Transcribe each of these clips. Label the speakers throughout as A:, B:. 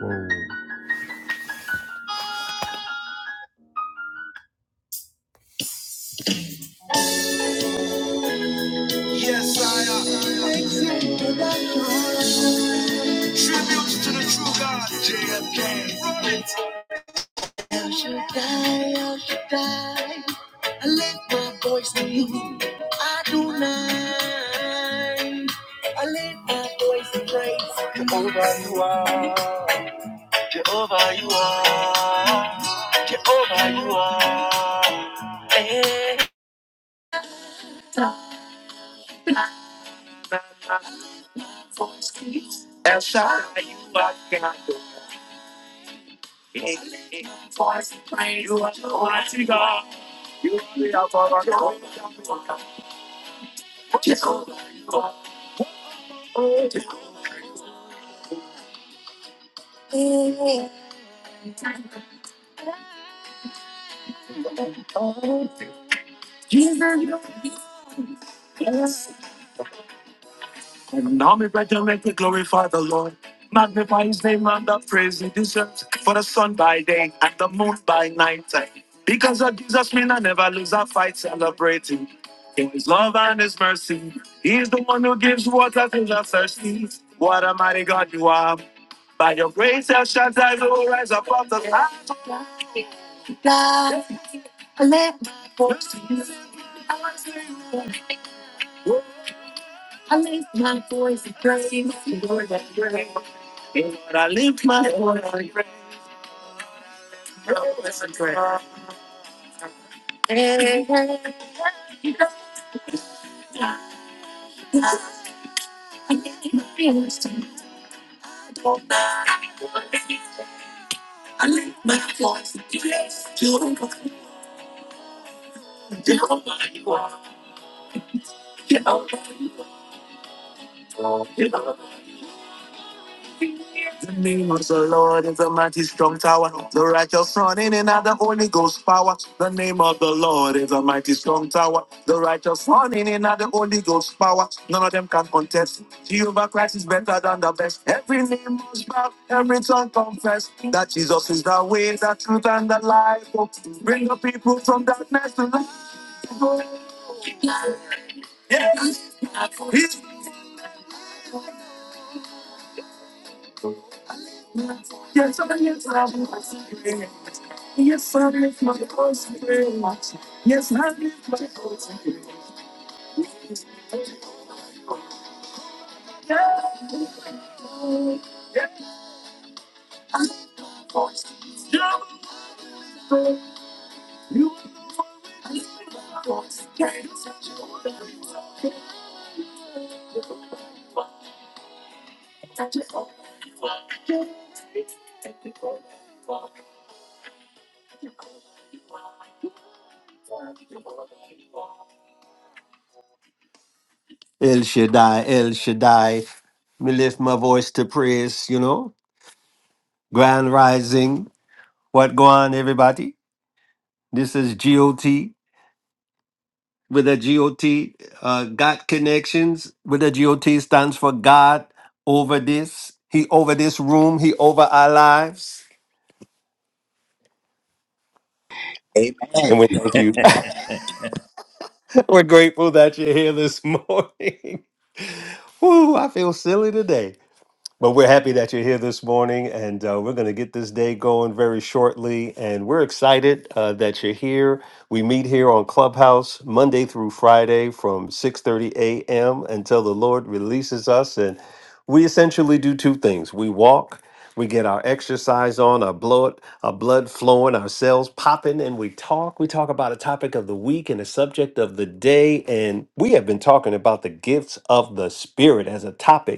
A: Whoa. Yes, I am. Tributes to the true God, JFK. El Shaddai, El Shaddai. I lift my voice to you. Adonai. I lift my voice to praise. Jehovah, you are. Jehovah, you are. My voice to you. El Shaddai, you are God. I lift my voice to praise. You are the mighty God. You are the Lord. And now me resurrected, glorify the Lord. Magnify his name and the praise he deserves. For the sun by day and the moon by night. Because of Jesus, me I never lose a fight celebrating. In his love and his mercy, he is the one who gives water to the thirsty. What a mighty God you are. By your grace, El Shaddai will rise above the clouds. I let my voice in I lift my voice and praise the Lord that praise. Lord, I lift my voice and praise and praise. Hey, hey, hey. I lift my voice to you. Lord. I lift my voice and praise the Lord. I pray. The name of the Lord is a mighty strong tower. The righteous running in and have the Holy Ghost power. The name of the Lord is a mighty strong tower. The righteous running in and have the Holy Ghost power. None of them can contest. Jehovah Christ is better than the best. Every name must bow, every tongue confess that Jesus is the way, the truth, and the life. Oh, bring the people from darkness to light. Oh, yeah. He's Yes, I am traveling my spirit. Yes, I lift my voice in prayer. Yes, I lift my voice in prayer. Yeah, I voice. Jehovah, You are the one who is my voice. Can't you touch it? Touch it. El Shaddai, El Shaddai. Me lift my voice to praise, you know. Grand rising. What go on, everybody? This is GOT with a GOT, uh, God connections with a GOT stands for God over this. He over this room. He over our lives.
B: Amen.
A: And we thank you. We're grateful that you're here this morning. Woo, I feel silly today. But we're happy that you're here this morning, and uh, we're going to get this day going very shortly. And we're excited uh, that you're here. We meet here on Clubhouse Monday through Friday from 6:30 a.m. until the Lord releases us. And we essentially do two things: we walk, we get our exercise on, our blood, our blood flowing, our cells popping, and we talk. We talk about a topic of the week and a subject of the day. And we have been talking about the gifts of the Spirit as a topic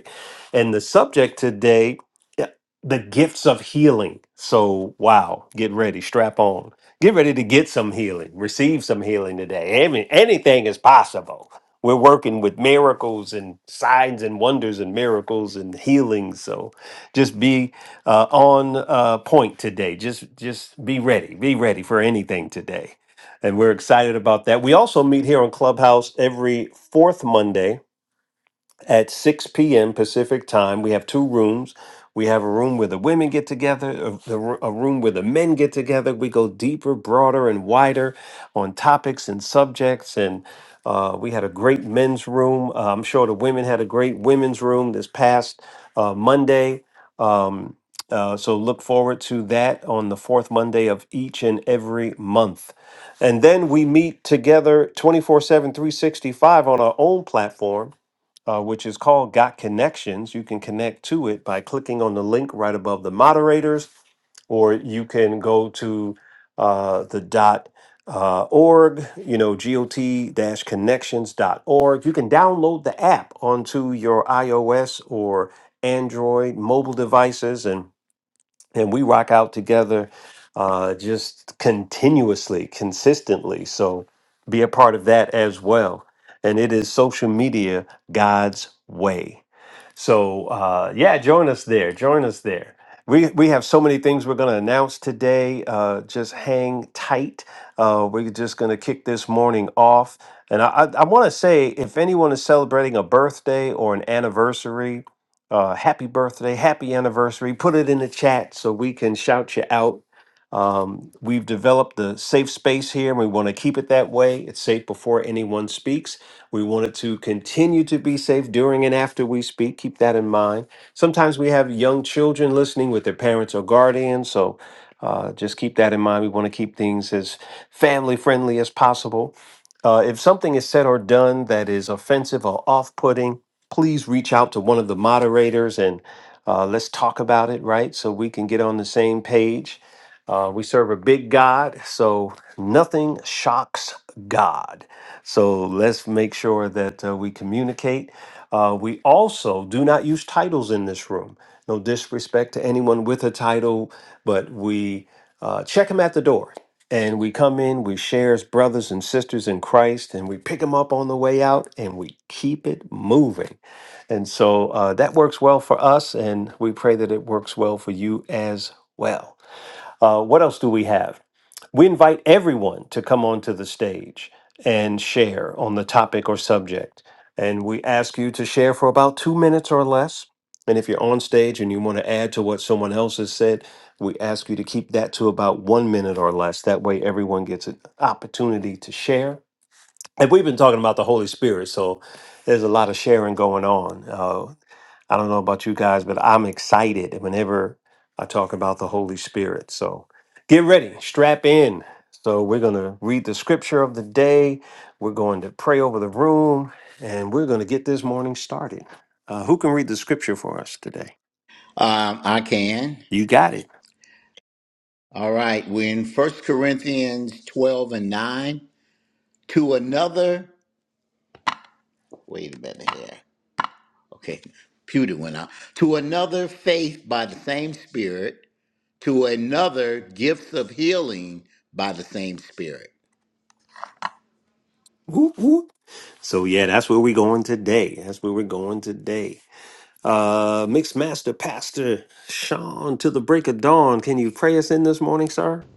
A: and the subject today, yeah, the gifts of healing. So, wow, get ready, strap on. Get ready to get some healing, receive some healing today. I mean, anything is possible. We're working with miracles and signs and wonders and miracles and healings. So just be uh, on uh, point today. Just just be ready. Be ready for anything today. And we're excited about that. We also meet here on Clubhouse every fourth Monday at 6 p.m. Pacific time. We have two rooms. We have a room where the women get together, a, the ro- a room where the men get together. We go deeper, broader, and wider on topics and subjects. And uh, we had a great men's room. Uh, I'm sure the women had a great women's room this past uh, Monday. Um, uh, so look forward to that on the fourth Monday of each and every month. And then we meet together 24 7, 365 on our own platform uh, which is called Got Connections. You can connect to it by clicking on the link right above the moderators, or you can go to uh, the dot uh, org, you know, got Connections .org. You can download the app onto your iOS or Android mobile devices and and we rock out together uh, just continuously, consistently. So be a part of that as well. And it is social media God's way. So uh, yeah, join us there. Join us there. We we have so many things we're going to announce today. Uh, just hang tight. Uh, we're just going to kick this morning off. And I I, I want to say if anyone is celebrating a birthday or an anniversary. Uh, happy birthday, happy anniversary. Put it in the chat so we can shout you out. Um, we've developed the safe space here and we want to keep it that way. It's safe before anyone speaks. We want it to continue to be safe during and after we speak. Keep that in mind. Sometimes we have young children listening with their parents or guardians, so uh, just keep that in mind. We want to keep things as family friendly as possible. Uh, if something is said or done that is offensive or off putting, please reach out to one of the moderators and uh, let's talk about it, right? So we can get on the same page. Uh, we serve a big God, so nothing shocks God. So let's make sure that uh, we communicate. Uh, we also do not use titles in this room. No disrespect to anyone with a title, but we uh, check them at the door. And we come in, we share as brothers and sisters in Christ, and we pick them up on the way out, and we keep it moving. And so uh, that works well for us, and we pray that it works well for you as well. Uh, what else do we have? We invite everyone to come onto the stage and share on the topic or subject. And we ask you to share for about two minutes or less. And if you're on stage and you want to add to what someone else has said, we ask you to keep that to about one minute or less. That way, everyone gets an opportunity to share and we've been talking about the Holy Spirit, so there's a lot of sharing going on. Uh, I don't know about you guys, but I'm excited whenever I talk about the Holy Spirit. So get ready, strap in. So we're going to read the scripture of the day. We're going to pray over the room, and we're going to get this morning started. Uh, who can read the scripture for us today?
B: um, I can.
A: You got it.
B: All right. We're in First Corinthians 12 and 9. To another, wait a minute here. Okay. Pewter went out. To another, faith by the same Spirit. To another, gifts of healing by the same Spirit.
A: Whoop, whoop. So yeah, that's where we're going today. That's where we're going today. Uh, Mixed Master Pastor Sean, to the break of dawn, can you pray us in this morning, sir?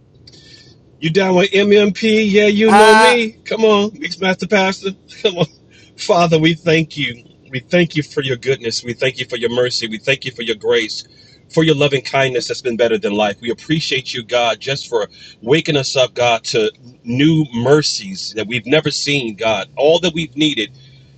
C: You down with MMP? Yeah, you know me. Come on, Mixmaster Pastor. Come on. Father, we thank you. We thank you for your goodness. We thank you for your mercy. We thank you for your grace, for your loving kindness that's been better than life. We appreciate you, God, just for waking us up, God, to new mercies that we've never seen, God. All that we've needed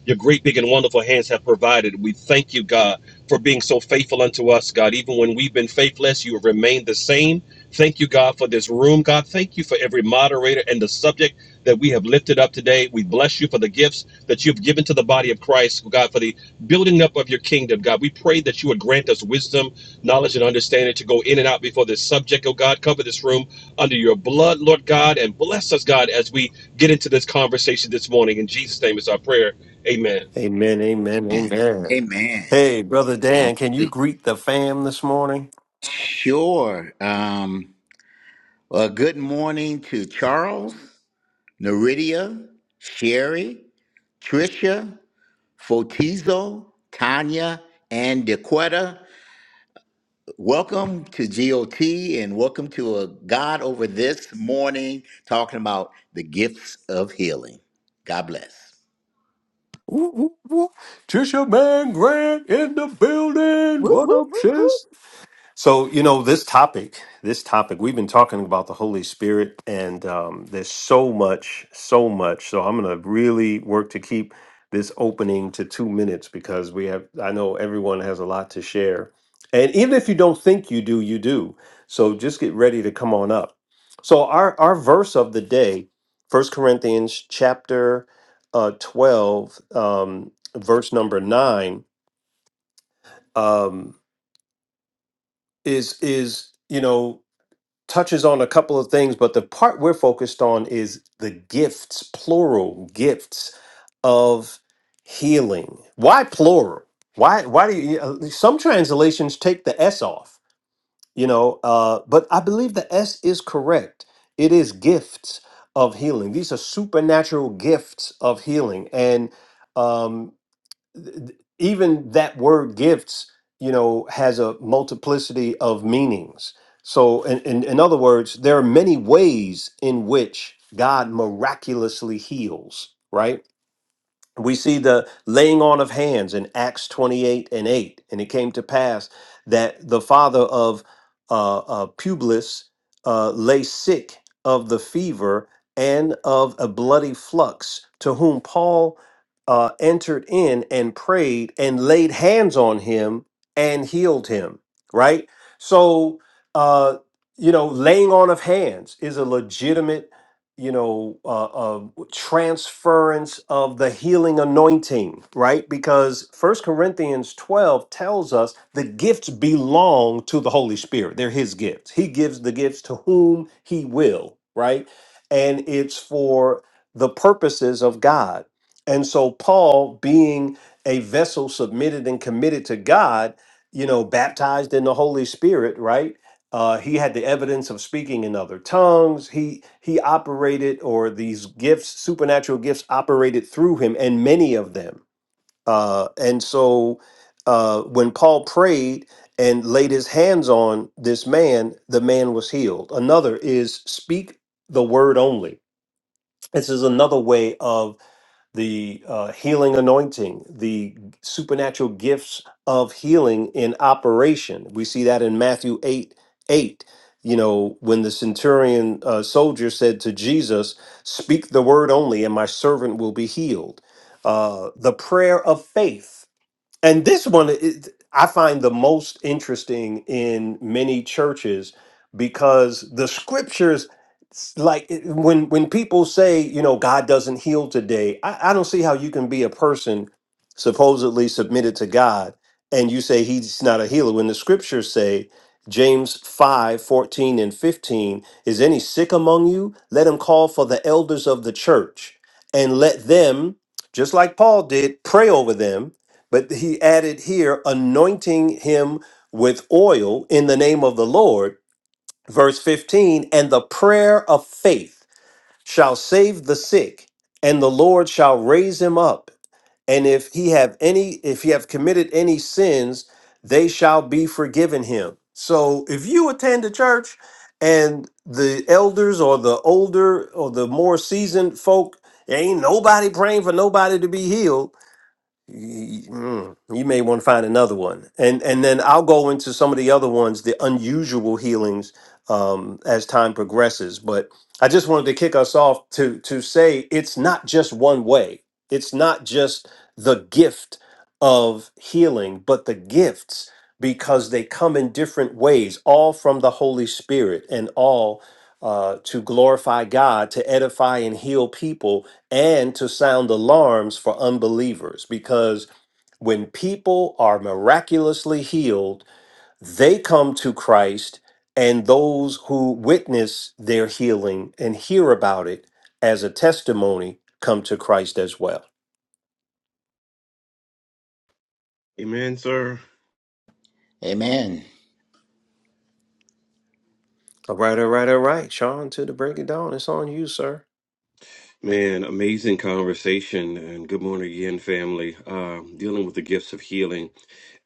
C: your great, big, and wonderful hands have provided. We thank you, God, for being so faithful unto us, God. Even when we've been faithless, you have remained the same. Thank you, God, for this room, God. Thank you for every moderator and the subject that we have lifted up today. We bless you for the gifts that you've given to the body of Christ, God, for the building up of your kingdom, God. We pray that you would grant us wisdom, knowledge, and understanding to go in and out before this subject, oh God. Cover this room under your blood, Lord God, and bless us, God, as we get into this conversation this morning. In Jesus' name is our prayer. Amen.
A: Amen, amen,
B: Amen.
A: amen.
B: Amen.
A: Hey, Brother Dan, can you
B: Hallelujah.
A: greet the fam this morning?
B: Sure. Um, well, good morning to Charles, Neridia, Sherry, Tricia. Fotizo, Tanya, and DeQuetta. Welcome to GOT and welcome to a God over this morning talking about the gifts of healing. God bless.
A: Ooh, ooh, ooh. Just your man Grant in the building.
D: Whoop,
A: What
D: whoop,
A: up,
D: whoop,
A: sis?
D: whoop.
A: So, you know, this topic, this topic, we've been talking about the Holy Spirit, and um, there's so much, so much. So, I'm going to really work to keep this opening to two minutes because we have, I know everyone has a lot to share. And even if you don't think you do, you do. So, just get ready to come on up. So, our, our verse of the day, First Corinthians chapter uh, 12, um, verse number nine, um, is, is, you know, touches on a couple of things, but the part we're focused on is the gifts, plural gifts of healing. Why plural? Why why do you uh, some translations take the s off, you know, uh but I believe the s is correct. It is gifts of healing. These are supernatural gifts of healing and um, th- even that word gifts you know has a multiplicity of meanings so in, in, in other words there are many ways in which god miraculously heals right we see the laying on of hands in acts 28 and 8 and it came to pass that the father of uh, uh, publius uh, lay sick of the fever and of a bloody flux to whom paul uh, entered in and prayed and laid hands on him and healed him right so uh, you know laying on of hands is a legitimate you know uh, uh, transference of the healing anointing, right? Because First Corinthians 12 tells us the gifts belong to the Holy Spirit. They're his gifts. He gives the gifts to whom he will, right? And it's for the purposes of God. And so Paul being a vessel submitted and committed to God, you know, baptized in the Holy Spirit, right? Uh, he had the evidence of speaking in other tongues. He he operated, or these gifts, supernatural gifts, operated through him, and many of them. Uh, and so, uh, when Paul prayed and laid his hands on this man, the man was healed. Another is speak the word only. This is another way of the uh, healing anointing, the supernatural gifts of healing in operation. We see that in Matthew 8 8. You know, when the centurion uh, soldier said to Jesus, Speak the word only, and my servant will be healed. Uh, the prayer of faith and this one is, I find the most interesting in many churches because the scriptures s- like it- when when people say you know God doesn't heal today I, I don't see how you can be a person supposedly submitted to God and you say he's not a healer when the scriptures say James 5 14 and 15 is any sick among you let him call for the elders of the church and let them just like Paul did pray over them but he added here, anointing him with oil in the name of the Lord. Verse 15, and the prayer of faith shall save the sick, and the Lord shall raise him up. And if he have any, if he have committed any sins, they shall be forgiven him. So if you attend a church and the elders or the older or the more seasoned folk, ain't nobody praying for nobody to be healed y- mm, you may want to find another one and and then i'll go into some of the other ones the unusual healings um, as time progresses but i just wanted to kick us off to to say it's not just one way it's not just the gift of healing but the gifts because they come in different ways all from the holy spirit and all uh, to glorify god to edify and heal people and to sound alarms for unbelievers because when people are miraculously healed, they come to Christ and those who witness their healing and hear about it as a testimony come to Christ as well.
C: Amen, sir.
B: Amen.
A: All right, all right, all right. Sean, to the break it down. It's on you, sir.
C: Man, amazing conversation, and good morning again, family. Uh, dealing with the gifts of healing,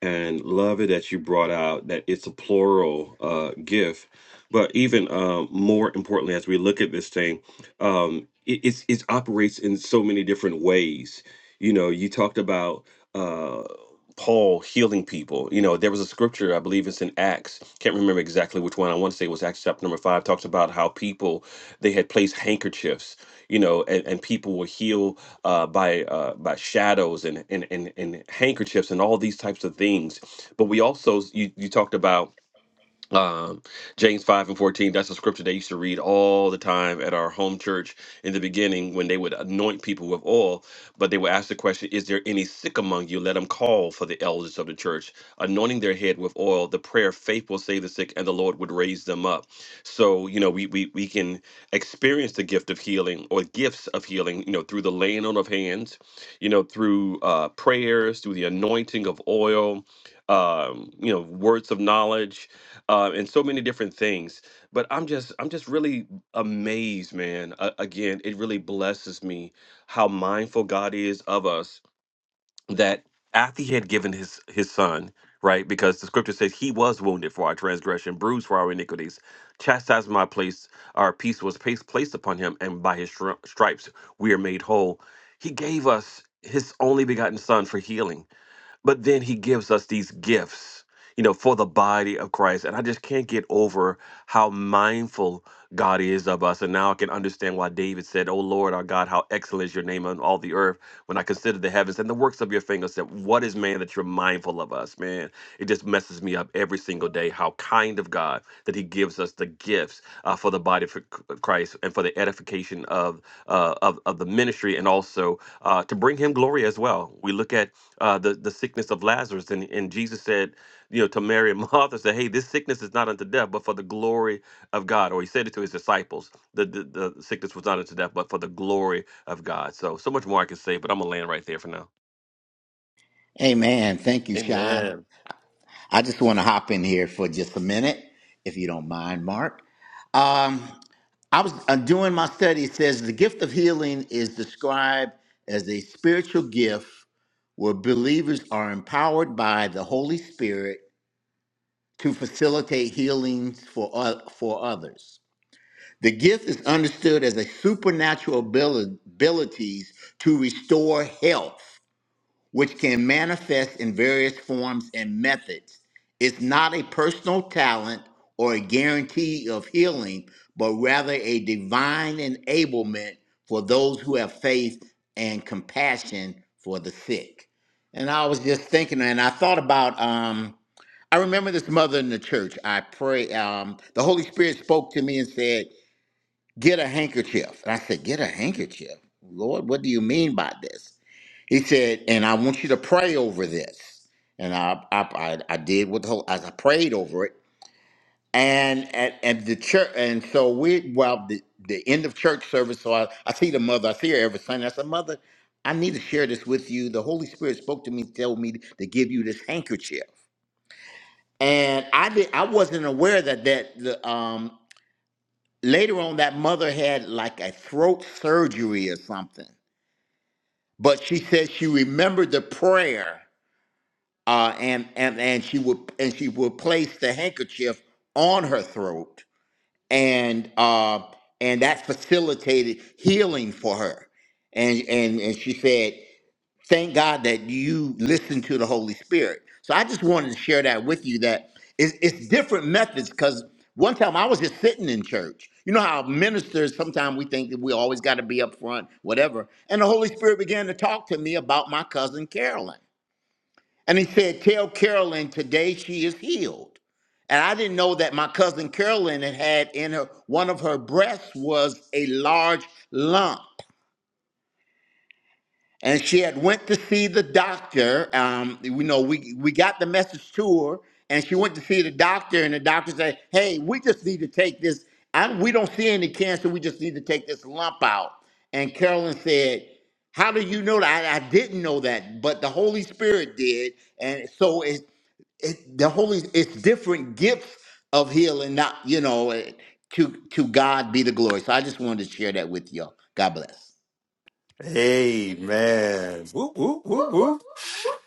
C: and love it that you brought out that it's a plural uh, gift. But even uh, more importantly, as we look at this thing, um, it, it's, it operates in so many different ways. You know, you talked about uh, Paul healing people. You know, there was a scripture, I believe it's in Acts, can't remember exactly which one. I want to say it was Acts chapter number five, talks about how people they had placed handkerchiefs you know, and, and people will heal uh, by uh, by shadows and and, and and handkerchiefs and all these types of things. But we also you you talked about um, James 5 and 14, that's a scripture they used to read all the time at our home church in the beginning when they would anoint people with oil. But they would ask the question, Is there any sick among you? Let them call for the elders of the church, anointing their head with oil. The prayer of faith will save the sick, and the Lord would raise them up. So, you know, we, we, we can experience the gift of healing or gifts of healing, you know, through the laying on of hands, you know, through uh, prayers, through the anointing of oil, um, you know, words of knowledge uh, and so many different things. But I'm just I'm just really amazed, man. Uh, again, it really blesses me how mindful God is of us. That after He had given His His Son, right? Because the Scripture says He was wounded for our transgression, bruised for our iniquities. Chastisement my place, our peace was pa- placed upon Him, and by His stri- stripes we are made whole. He gave us His only begotten Son for healing but then he gives us these gifts you know for the body of christ and i just can't get over how mindful god is of us and now i can understand why david said oh lord our god how excellent is your name on all the earth when i consider the heavens and the works of your fingers that what is man that you're mindful of us man it just messes me up every single day how kind of god that he gives us the gifts uh, for the body of christ and for the edification of uh, of, of the ministry and also uh, to bring him glory as well we look at uh, the the sickness of Lazarus, and and Jesus said, you know, to Mary and Martha, said, "Hey, this sickness is not unto death, but for the glory of God." Or he said it to his disciples, the the, the sickness was not unto death, but for the glory of God. So so much more I could say, but I'm gonna land right there for now.
B: Amen. Thank you, Sean.
A: Amen.
B: I just want to hop in here for just a minute, if you don't mind, Mark. Um, I was uh, doing my study. It says the gift of healing is described as a spiritual gift where believers are empowered by the Holy Spirit to facilitate healings for, oth- for others. The gift is understood as a supernatural abili- abilities to restore health which can manifest in various forms and methods. It's not a personal talent or a guarantee of healing, but rather a divine enablement for those who have faith and compassion for the sick. And I was just thinking, and I thought about, um, I remember this mother in the church. I pray, um, the Holy Spirit spoke to me and said, Get a handkerchief. And I said, Get a handkerchief? Lord, what do you mean by this? He said, and I want you to pray over this. And I I, I, I did what the whole as I prayed over it. And at and and the church and so we well the, the end of church service, so I, I see the mother, I see her every Sunday. I said, Mother, I need to share this with you. The Holy Spirit spoke to me told me to give you this handkerchief. And I did I wasn't aware that that the um later on that mother had like a throat surgery or something. But she said she remembered the prayer uh, and and and she would and she would place the handkerchief on her throat, and uh, and that facilitated healing for her. And and and she said, "Thank God that you listened to the Holy Spirit." So I just wanted to share that with you that it's, it's different methods because one time I was just sitting in church. You know how ministers sometimes we think that we always got to be up front, whatever. And the Holy Spirit began to talk to me about my cousin Carolyn. And he said, Tell Carolyn today she is healed. And I didn't know that my cousin Carolyn had had in her one of her breasts was a large lump. And she had went to see the doctor. Um, you know, we we got the message to her, and she went to see the doctor, and the doctor said, Hey, we just need to take this. I, we don't see any cancer, we just need to take this lump out. And Carolyn said, How do you know that? I, I didn't know that, but the Holy Spirit did. And so it it, the holy it's different gifts of healing not you know eh, to to god be the glory so i just wanted to share that with y'all god bless
A: Amen. Whoop, whoop, whoop, whoop.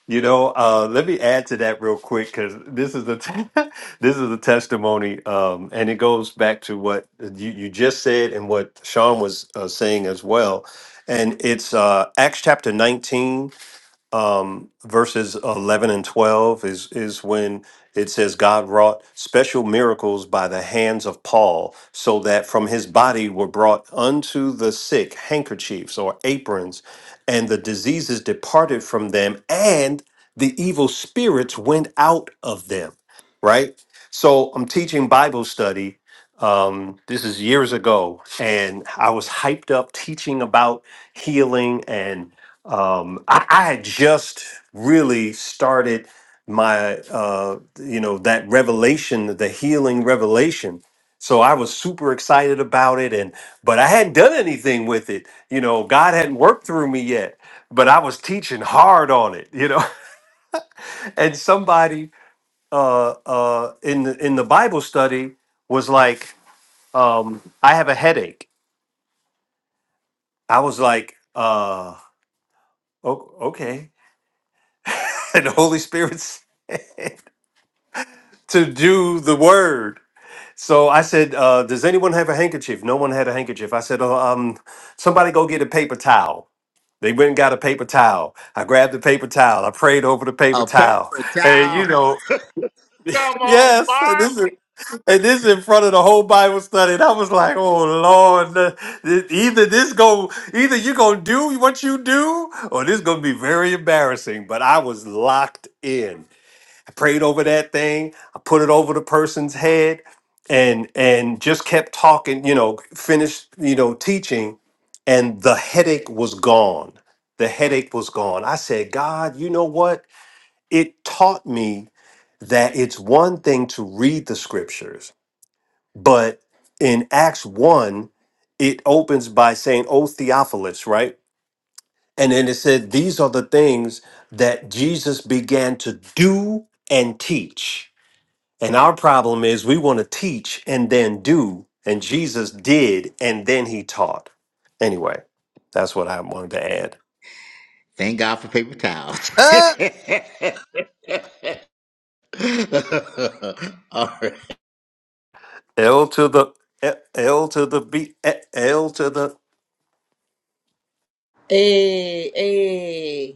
A: You know, uh, let me add to that real quick because this is a t- this is a testimony, um, and it goes back to what you, you just said and what Sean was uh, saying as well. And it's uh, Acts chapter nineteen, um, verses 11 and 12 is, is when it says God wrought special miracles by the hands of Paul, so that from his body were brought unto the sick handkerchiefs or aprons, and the diseases departed from them, and the evil spirits went out of them. Right? So I'm teaching Bible study. Um, this is years ago, and I was hyped up teaching about healing and um, I, I had just really started my uh, you know that revelation the healing revelation so i was super excited about it and but i hadn't done anything with it you know god hadn't worked through me yet but i was teaching hard on it you know and somebody uh, uh, in the in the bible study was like um, i have a headache i was like uh, o- okay and the holy spirit to do the word. So I said, uh, "Does anyone have a handkerchief?" No one had a handkerchief. I said, oh, "Um, somebody go get a paper towel." They went and got a paper towel. I grabbed the paper towel. I prayed over the paper
B: a
A: towel,
B: paper
A: and you
B: towel
A: know,
B: Come on,
A: yes, and
B: Mark.
A: this is and this is in front of the whole Bible study. And I was like, "Oh Lord, the- the- either this go, either you gonna do what you do, or this gonna be very embarrassing." But I was locked in. I prayed over that thing. I put it over the person's head and and just kept talking, you know, finished, you know, teaching and the headache was gone. The headache was gone. I said, "God, you know what? It taught me that it's one thing to read the scriptures, but in Acts 1, it opens by saying, "O Theophilus," right? And then it said, "These are the things that Jesus began to do and teach." And our problem is we want to teach and then do. And Jesus did and then he taught. Anyway, that's what I wanted to add.
B: thank god for paper towels all right
A: L to the eh, L to the B eh, L to the
E: Hey, hey.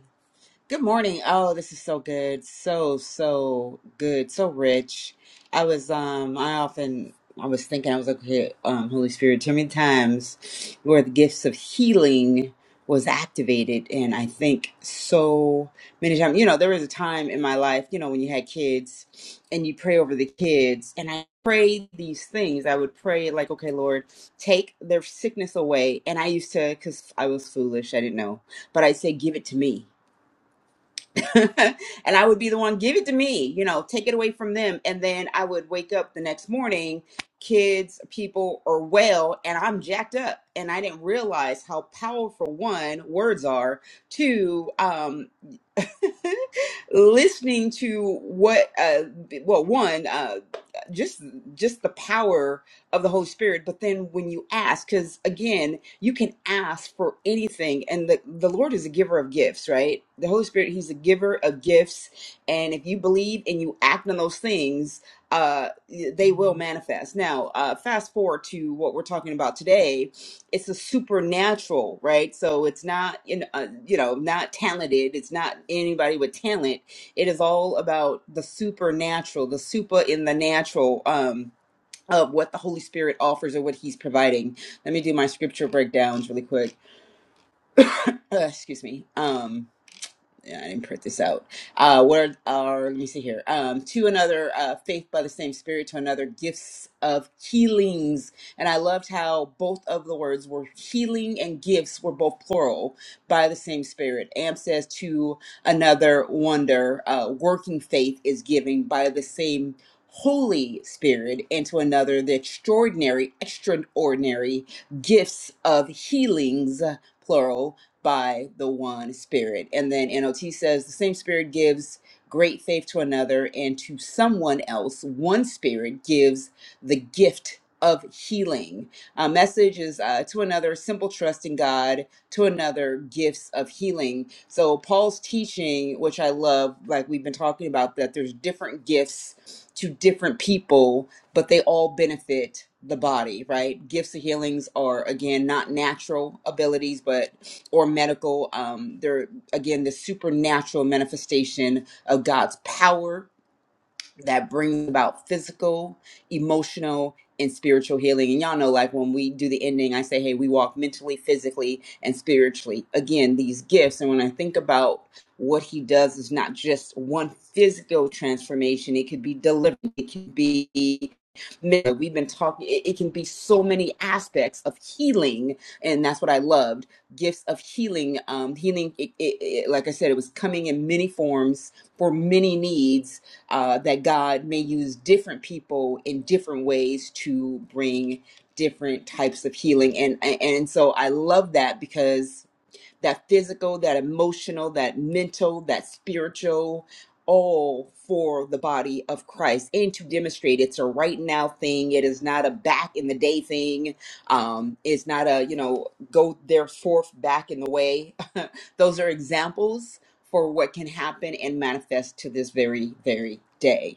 E: Good morning. Oh, this is so good. So, so good. So rich. I was um I often I was thinking I was like, okay, um, Holy Spirit, too many times where the gifts of healing was activated and I think so many times you know, there was a time in my life, you know, when you had kids and you pray over the kids and I prayed these things. I would pray like, okay, Lord, take their sickness away. And I used to cause I was foolish, I didn't know, but I'd say, give it to me and I would be the one, give it to me, you know, take it away from them. And then I would wake up the next morning, kids, people are well, and I'm jacked up. And I didn't realize how powerful one, words are, two, um, listening to what uh well one uh just just the power of the holy spirit but then when you ask because again you can ask for anything and the, the lord is a giver of gifts right the holy spirit he's a giver of gifts and if you believe and you act on those things uh they will manifest now uh fast forward to what we're talking about today it's a supernatural, right? So it's not, you know, uh, you know, not talented. It's not anybody with talent. It is all about the supernatural, the super in the natural um, of what the Holy Spirit offers or what He's providing. Let me do my scripture breakdowns really quick. Uh, excuse me. Um, yeah, I didn't print this out. Uh, what are, let me see here. Um, to another, uh, faith by the same spirit, to another, gifts of healings. And I loved how both of the words were healing and gifts were both plural by the same spirit. Am says to another, wonder, uh, working faith is giving by the same Holy Spirit, and to another, the extraordinary, extraordinary gifts of healings, plural by the one spirit. And then NOT says the same spirit gives great faith to another and to someone else. One spirit gives the gift of healing. Uh, message is uh, to another, simple trust in God, to another, gifts of healing. So Paul's teaching, which I love, like we've been talking about, that there's different gifts to different people, but they all benefit the body, right? Gifts of healings are again not natural abilities, but or medical. Um, they're again the supernatural manifestation of God's power that brings about physical, emotional, and spiritual healing. And y'all know, like when we do the ending, I say, hey, we walk mentally, physically, and spiritually. Again, these gifts. And when I think about what he does is not just one physical transformation, it could be delivery, it could be we've been talking it, it can be so many aspects of healing and that's what i loved gifts of healing um healing it, it, it, like i said it was coming in many forms for many needs uh, that God may use different people in different ways to bring different types of healing. And, and so I love that because that physical, that emotional, that mental, that spiritual, all for the body of Christ and to demonstrate it's a right now thing. It is not a back in the day thing. Um, it's not a, you know, go there forth back in the way. Those are examples for what can happen and manifest to this very, very day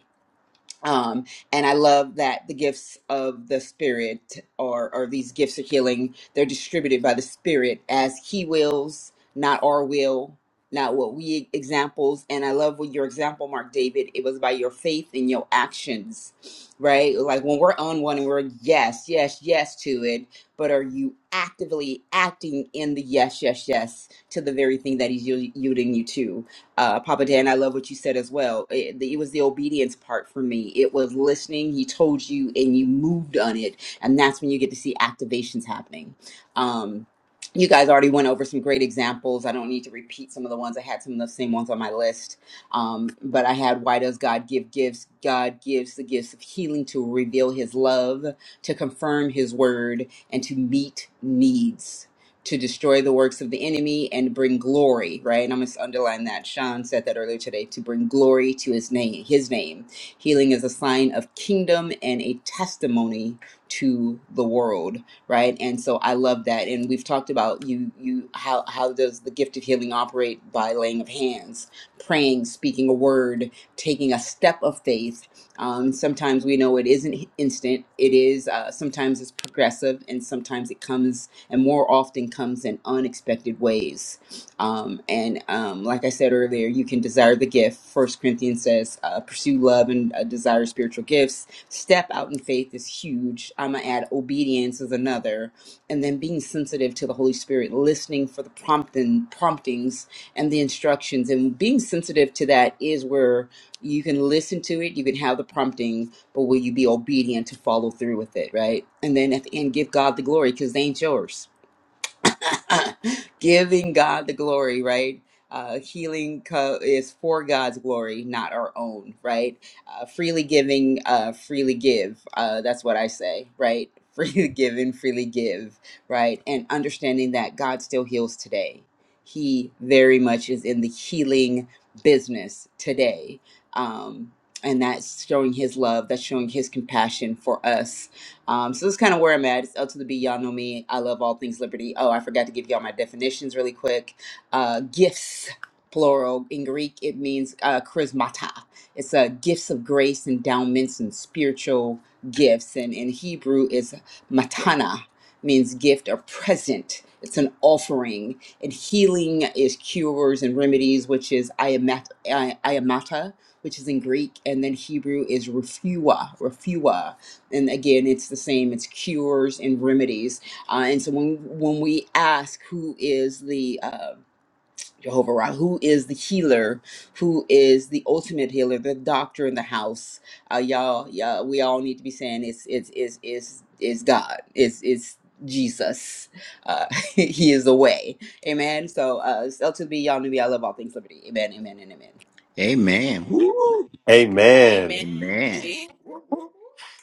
E: um, and I love that the gifts of the Spirit or or these gifts of healing they're distributed by the Spirit as He wills, not our will, not what we e-, examples. And I love with your example, Mark David, it was by your faith and your actions, right? Like when we're on one and we're yes, yes, yes to it, but are you actively acting in the yes, yes, yes to the very thing that He's yielding you to? uh, Papa Dan, I love what you said as well. It, it was the obedience part for me. It was listening. He told you, and you moved on it, and that's when you get to see activations happening. Um, you guys already went over some great examples. I don't need to repeat some of the ones. I had some of the same ones on my list, um, but I had why does God give gifts? God gives the gifts of healing to reveal His love, to confirm His word, and to meet needs to destroy the works of the enemy and bring glory, right? And I'm going to underline that. Sean said that earlier today to bring glory to his name, his name. Healing is a sign of kingdom and a testimony to the world, right? And so I love that. And we've talked about you you how how does the gift of healing operate by laying of hands, praying, speaking a word, taking a step of faith. Um, sometimes we know it isn't instant. It is uh, sometimes it's progressive and sometimes it comes and more often comes in unexpected ways. Um, and um, like I said earlier, you can desire the gift. First Corinthians says, uh, pursue love and uh, desire spiritual gifts. Step out in faith is huge. I'm gonna add obedience is another, and then being sensitive to the Holy Spirit, listening for the prompting promptings and the instructions, and being sensitive to that is where you can listen to it. You can have the promptings but will you be obedient to follow through with it, right? And then at the end, give God the glory because they ain't yours Giving God the glory, right? Uh, healing co- is for God's glory, not our own, right? Uh, freely giving, uh, freely give. Uh, that's what I say, right? Freely giving, freely give, right? And understanding that God still heals today. He very much is in the healing business today. Um, and that's showing his love, that's showing his compassion for us um, so this is kind of where I'm at. It's L to the B. Y'all know me. I love all things liberty. Oh, I forgot to give y'all my definitions really quick. Uh, gifts, plural. In Greek, it means uh, charismata. It's uh, gifts of grace, endowments, and spiritual gifts. And in Hebrew, is matana, means gift or present. It's an offering. And healing is cures and remedies, which is iamat- i- iamata, which is in Greek. And then Hebrew is refua, refua and again it's the same it's cures and remedies uh, and so when when we ask who is the uh, jehovah Ra, who is the healer who is the ultimate healer the doctor in the house uh, y'all yeah we all need to be saying it's it's it's it's, it's god it's it's jesus uh, he is the way amen so uh so to be y'all know me i love all things liberty amen amen and amen
B: amen Woo.
A: Amen. Amen.
B: amen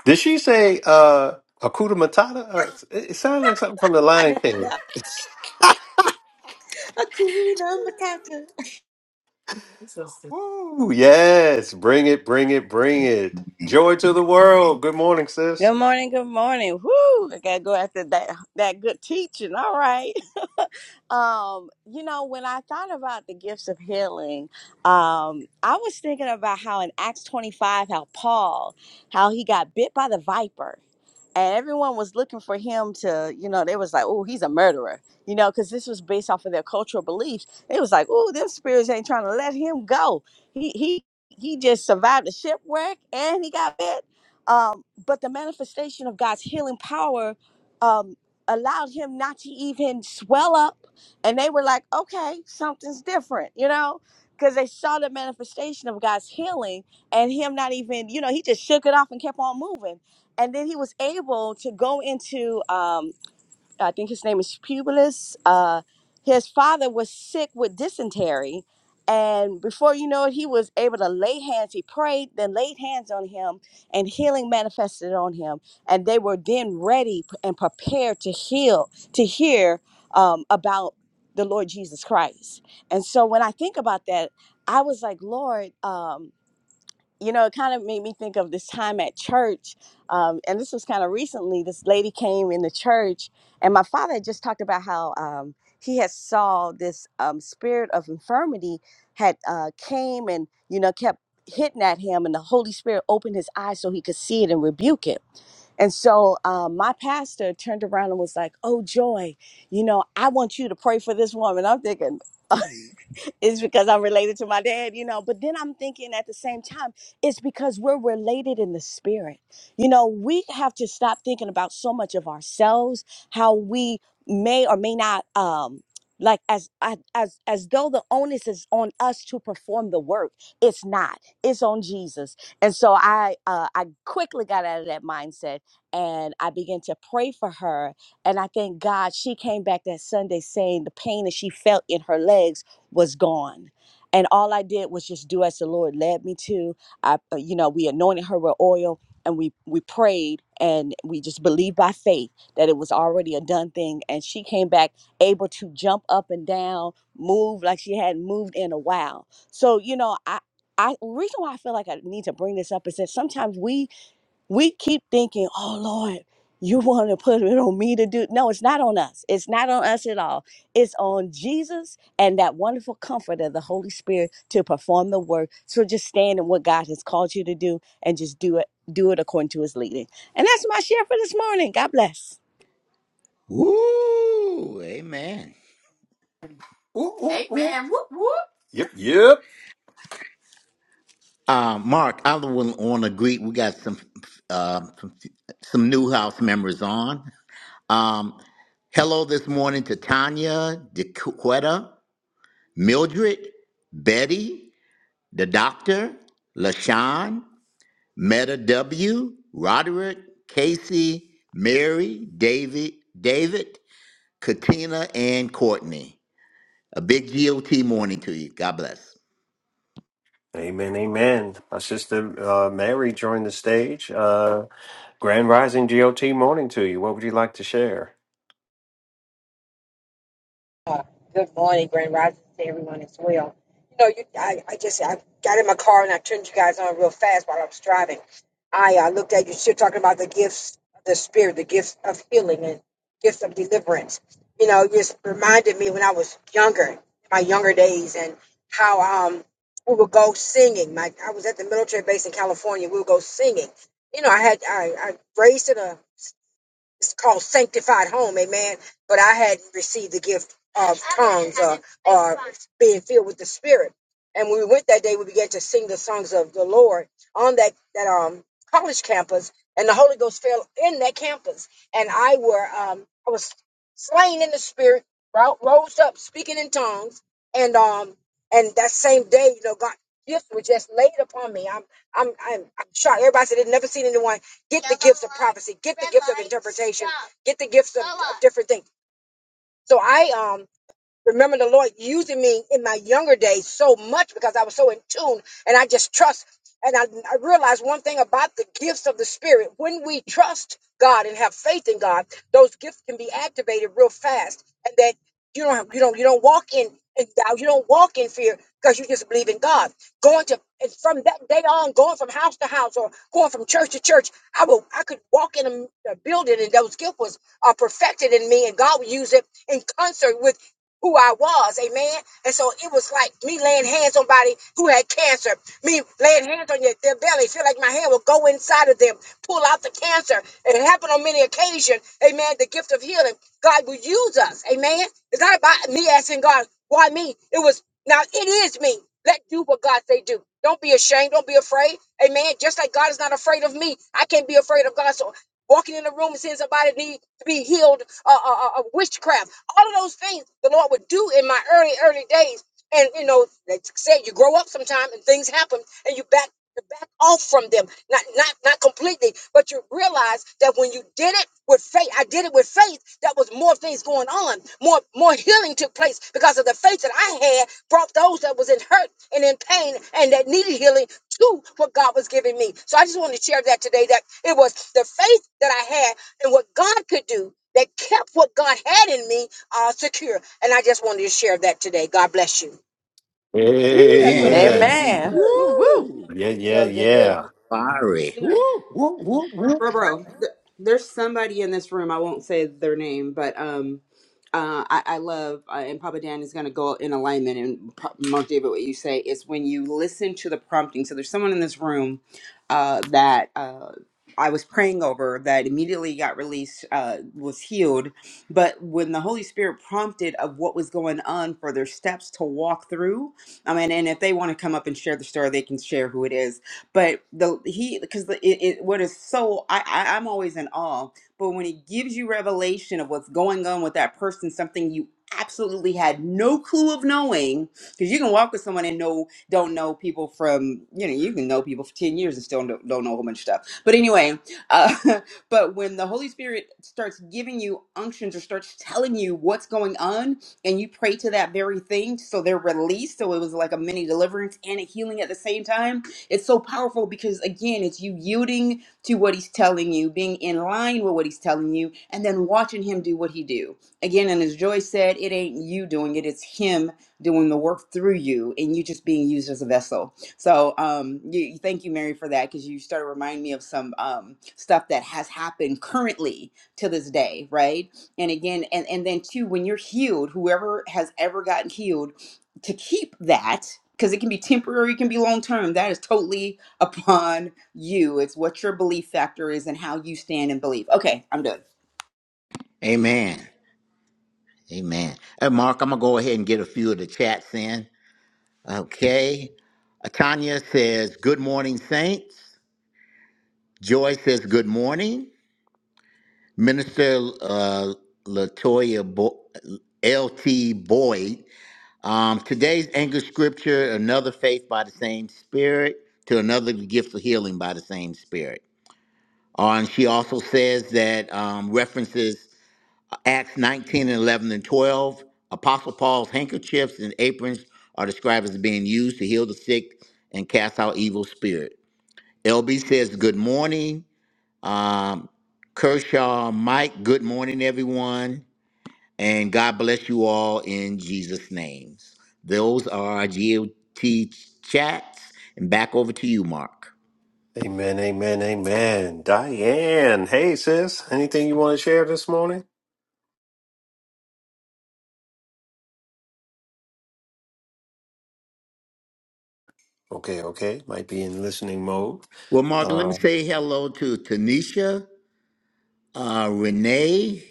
A: Did she say uh Akuta Matata? Uh, it it sounded like something from the Lion King.
E: Ooh, number counter.
A: Woo, yes. Bring it, bring it, bring it. Joy to the world. Good morning, sis.
D: Good morning, good morning. Woo! I gotta go after that that good teaching. All right. Um, you know, when I thought about the gifts of healing, um, I was thinking about how in Acts 25, how Paul, how he got bit by the viper. and everyone was looking for him to, you know, they was like, oh, he's a murderer, you know, because this was based off of their cultural beliefs. It was like, oh, them spirits ain't trying to let him go. He he he just survived the shipwreck and he got bit. Um, but the manifestation of God's healing power um, allowed him not to even swell up, and they were like, okay, something's different, you know. Because they saw the manifestation of God's healing and him not even, you know, he just shook it off and kept on moving and then he was able to go into um, i think his name is publius uh, his father was sick with dysentery and before you know it he was able to lay hands he prayed then laid hands on him and healing manifested on him and they were then ready and prepared to heal to hear um, about the lord jesus christ and so when i think about that i was like lord um, you know, it kind of made me think of this time at church. Um, and this was kind of recently. This lady came in the church, and my father had just talked about how um, he had saw this um, spirit of infirmity had uh, came and you know kept hitting at him, and the Holy Spirit opened his eyes so he could see it and rebuke it. And so um, my pastor turned around and was like, Oh, Joy, you know, I want you to pray for this woman. I'm thinking, it's because I'm related to my dad, you know. But then I'm thinking at the same time, it's because we're related in the spirit. You know, we have to stop thinking about so much of ourselves, how we may or may not um like as I- as as though the onus is on us to perform the work it's not it's on jesus and so i uh i quickly got out of that mindset and I began to pray for her. And I thank God she came back that Sunday saying the pain that she felt in her legs was gone. And all I did was just do as the Lord led me to. I, uh, you know, we anointed her with oil and we we prayed and we just believed by faith that it was already a done thing. And she came back able to jump up and down, move like she hadn't moved in a while. So you know, I. I reason why I feel like I need to bring this up is that sometimes we we keep thinking, oh Lord, you want to put it on me to do. No, it's not on us. It's not on us at all. It's on Jesus and that wonderful comfort of the Holy Spirit to perform the work. So just stand in what God has called you to do and just do it, do it according to his leading. And that's my share for this morning. God bless.
B: Woo! Amen.
A: Ooh, ooh, ooh. Amen. Whoop, whoop. Yep, yep.
B: Uh, Mark, I would want to greet. We got some um some some new house members on. Um, Hello this morning to Tanya, DeQuetta, Mildred, Betty, the Doctor, LaShawn, Meta W, Roderick, Casey, Mary, David, David, Katina, and Courtney. A big GOT morning to you. God bless.
A: Amen, amen. My sister uh, Mary joined the stage. Uh, Grand Rising GOT morning to you. What would you like to share?
F: Uh, good morning, Grand Rising to everyone as well. You know, you, I, I just I got in my car and I turned you guys on real fast while I was driving. I uh, looked at you still talking about the gifts of the spirit, the gifts of healing and gifts of deliverance. You know, it just reminded me when I was younger, my younger days, and how um we would go singing. My I was at the military base in California. We would go singing. You know, I had I, I raised in a it's called sanctified home, amen. But I hadn't received the gift of tongues or, or being filled with the Spirit. And when we went that day, we began to sing the songs of the Lord on that that um college campus, and the Holy Ghost fell in that campus, and I were um I was slain in the Spirit, ro- rose up speaking in tongues, and um and that same day, you know, God. Gifts were just laid upon me. I'm, I'm, I'm, I'm shocked. Everybody said they'd never seen anyone get the gifts of prophecy, get the gifts of interpretation, get the gifts of, of different things. So I um remember the Lord using me in my younger days so much because I was so in tune and I just trust. And I, I realized one thing about the gifts of the Spirit. When we trust God and have faith in God, those gifts can be activated real fast. And that you don't have, you don't you don't walk in, in doubt, you don't walk in fear because you just believe in God. Going to and from that day on, going from house to house or going from church to church, I will I could walk in a, a building and those gifts was are perfected in me, and God would use it in concert with who I was, amen. And so it was like me laying hands on body who had cancer, me laying hands on your, their belly, feel like my hand will go inside of them, pull out the cancer. It happened on many occasions, amen. The gift of healing, God will use us, amen. It's not about me asking God, why me? It was now it is me. Let do what God say do. Don't be ashamed. Don't be afraid. Amen. Just like God is not afraid of me, I can't be afraid of God. So walking in the room and seeing somebody need to be healed of uh, uh, uh, of witchcraft. All of those things the Lord would do in my early, early days. And you know, like I said, you grow up sometime and things happen and you back you back off from them. Not not not completely, but you realize that when you did it with faith, I did it with faith, that was more things going on. More more healing took place because of the faith that I had brought those that was in hurt and in pain and that needed healing to what God was giving me. So I just wanted to share that today that it was the faith that I had and what God could do that kept what God had in me uh, secure. And I just wanted to share that today. God bless you.
E: Ooh, that's so
B: Amen.
E: good,
A: Amen.
E: Miss
B: Amen.
D: Amen.
E: Mary.
D: Woo woo.
B: Woo!
A: Yeah, yeah,
E: So
B: That
E: good.
A: yeah.
B: was fiery. Woo!
A: Whoop, whoop, whoop.
E: bro, bro. th- There's somebody in this room. I won't say their name, but um, uh, I, I love uh, and Papa Dan is going to go in alignment and pro- Mark David. What you say is when you listen to the prompting. So there's someone in this room uh, that uh, I was praying over that immediately got released, uh, was healed, but when the Holy Spirit prompted of what was going on for their steps to walk through. I mean, and if they want to come up and share the story, they can share who it is but the he because it, it what is so I, I I'm always in awe. But when he gives you revelation of what's going on with that person, something you absolutely had no clue of knowing, because you can walk with someone and know don't know people from you know you can know people for ten years and still don't, don't know a whole bunch of stuff. But anyway, uh, but when the Holy Spirit starts giving you unctions or starts telling you what's going on, and you pray to that very thing, so they're released. So it was like a mini deliverance and a healing at the same time it's so powerful because, again, it's you yielding to what he's telling you, being in line with what he's telling you, and then watching him do what he do. Again, and as Joy said, it ain't you doing it, it's him doing the work through you and you just being used as a vessel. So um you, you- thank you Mary for that because you started reminding me of some um stuff that has happened currently to this day, right? And again and and then too when you're healed, whoever has ever gotten healed to keep that because it can be temporary, it can be long term. That is totally upon you. It's what your belief factor is and how you stand and believe. Okay, I'm done.
B: Amen. Amen. Hey, Mark, I'm going to go ahead and get a few of the chats in. Okay. Tanya says, Good morning, Saints. Joy says, Good morning. Minister uh, Latoya Bo- L.T. Boyd. Um, today's anchor scripture, another faith by the same spirit, to another the gift of healing by the same spirit. Uh, and she also says that um, references uh, Acts 19 and 11 and 12. Apostle Paul's handkerchiefs and aprons are described as being used to heal the sick and cast out evil spirits. LB says good morning. Um, Kershaw, Mike, good morning, everyone. And God bless you all in Jesus' names. Those are our GOT chats. And back over to you, Mark.
A: Amen, amen, amen. Diane, hey sis, anything you want to share this morning? Okay, okay. Might be in listening mode.
B: Well, Mark, let
A: Uh,
B: me say hello to Tanisha, uh, Renee,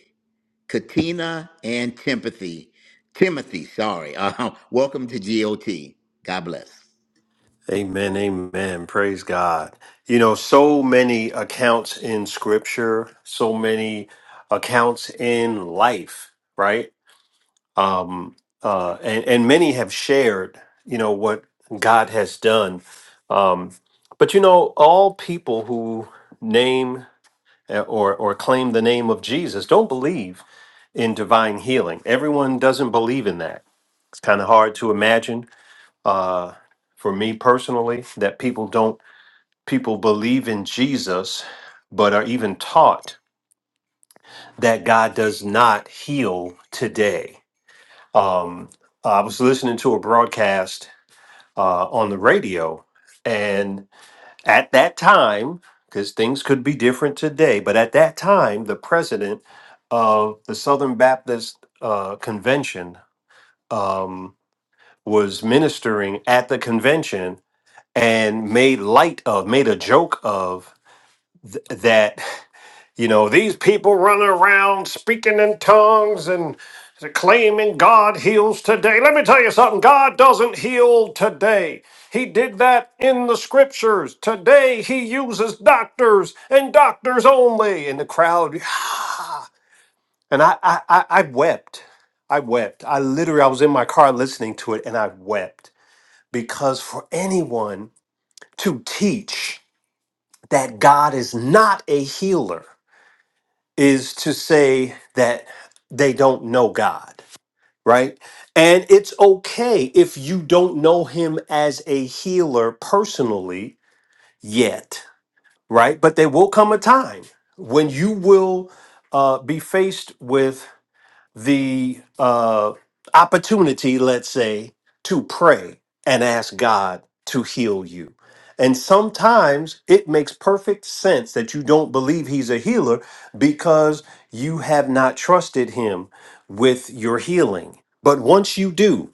B: Katina, and Timothy. Timothy, sorry. Uh, welcome to GOT. God bless.
A: Amen, amen. Praise God. You know, so many accounts in scripture, so many accounts in life, right? Um uh and, and many have shared, you know, what God has done. Um but you know, all people who name uh, or or claim the name of Jesus don't believe in divine healing. Everyone doesn't believe in that. It's kind of hard to imagine uh for me personally that people don't people believe in Jesus, but are even taught that God does not heal today. Um, I was listening to a broadcast uh, on the radio, and at that time, because things could be different today, but at that time, the president of the Southern Baptist uh, Convention um, was ministering at the convention and made light of, made a joke of th- that. You know, these people running around speaking in tongues and claiming God heals today. Let me tell you something God doesn't heal today. He did that in the scriptures. Today, He uses doctors and doctors only. And the crowd, ah! and I, I, I, I wept. I wept. I literally, I was in my car listening to it and I wept because for anyone to teach that God is not a healer, is to say that they don't know God, right? And it's okay if you don't know him as a healer personally yet, right? But there will come a time when you will uh, be faced with the uh, opportunity, let's say, to pray and ask God to heal you. And sometimes it makes perfect sense that you don't believe He's a healer because you have not trusted Him with your healing. But once you do,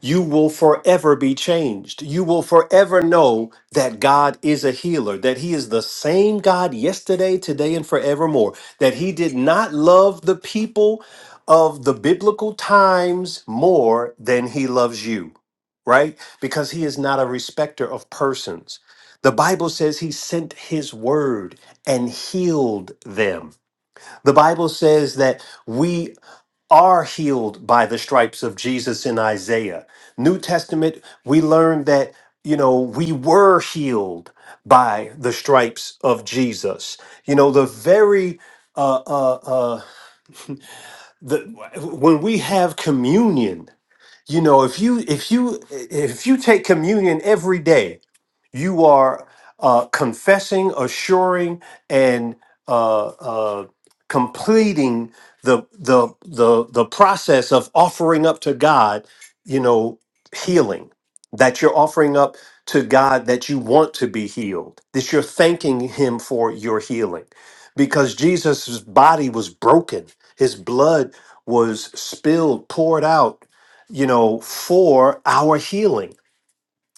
A: you will forever be changed. You will forever know that God is a healer, that He is the same God yesterday, today, and forevermore, that He did not love the people of the biblical times more than He loves you, right? Because He is not a respecter of persons. The Bible says He sent His word and healed them. The Bible says that we are healed by the stripes of Jesus in Isaiah. New Testament, we learn that, you know, we were healed by the stripes of Jesus. You know, the very, uh, uh, uh, the, when we have communion, you know, if you, if you, if you take communion every day, you are uh, confessing, assuring, and uh, uh, completing the, the the the process of offering up to God. You know, healing that you're offering up to God that you want to be healed. That you're thanking Him for your healing, because Jesus' body was broken, His blood was spilled, poured out. You know, for our healing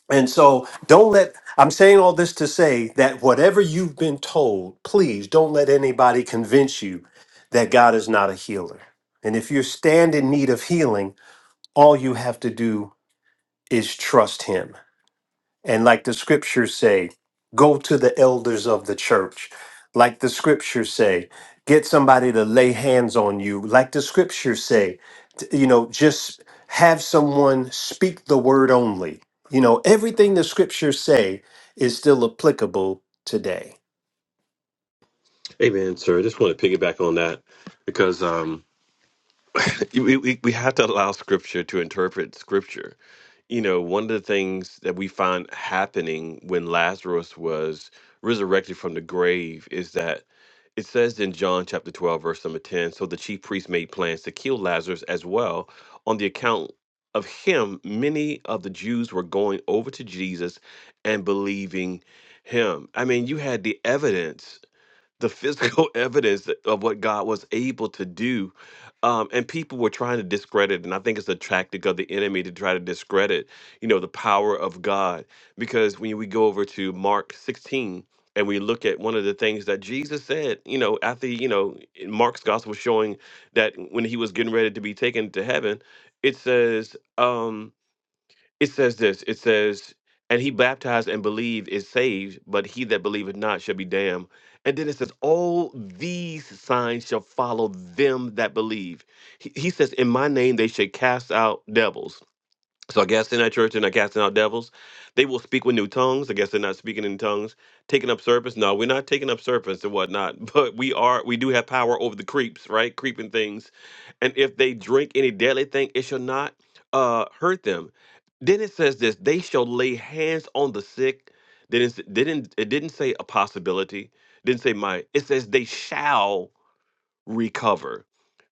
A: and so don't let, I'm saying all this to say that whatever you've been told, please don't let anybody convince you that God is not a healer. And if you stand in need of healing, all you have to do is trust Him. And like the scriptures say, go to the elders of the church. Like the scriptures say, get somebody to lay hands on you. Like the scriptures say, t- you know, just have someone speak the word only. You know, everything the scriptures say is still applicable today.
C: Amen, sir. I just want to piggyback on that because um, we, we, we have to allow Scripture to interpret Scripture. you know, one of the things that we find happening when Lazarus was resurrected from the grave is that it says in John chapter 12, verse number 10 so the chief priest made plans to kill Lazarus as well. On the account of him, many of the Jews were going over to Jesus and believing him. I mean, you had the evidence the physical evidence of what God was able to do. Um, and people were trying to discredit, and I think it's a tactic of the enemy to try to discredit, you know, the power of God. Because when we go over to Mark 16 and we look at one of the things that Jesus said, you know, after, you know, in Mark's gospel showing that when he was getting ready to be taken to heaven, it says, um, it says this. It says, "And he baptized and believed is saved, but he that believeth not shall be damned." And then it says, "All these signs shall follow them that believe." He, he says, "In my name they shall cast out devils." So I cast in that church and I casting out devils. They will speak with new tongues. I guess they're not speaking in tongues. Taking up serpents. No, we're not taking up serpents and whatnot. But we are we do have power over the creeps, right? Creeping things. And if they drink any deadly thing, it shall not uh hurt them. Then it says this, they shall lay hands on the sick. Didn't didn't it didn't say a possibility. Didn't say might. It says they shall recover.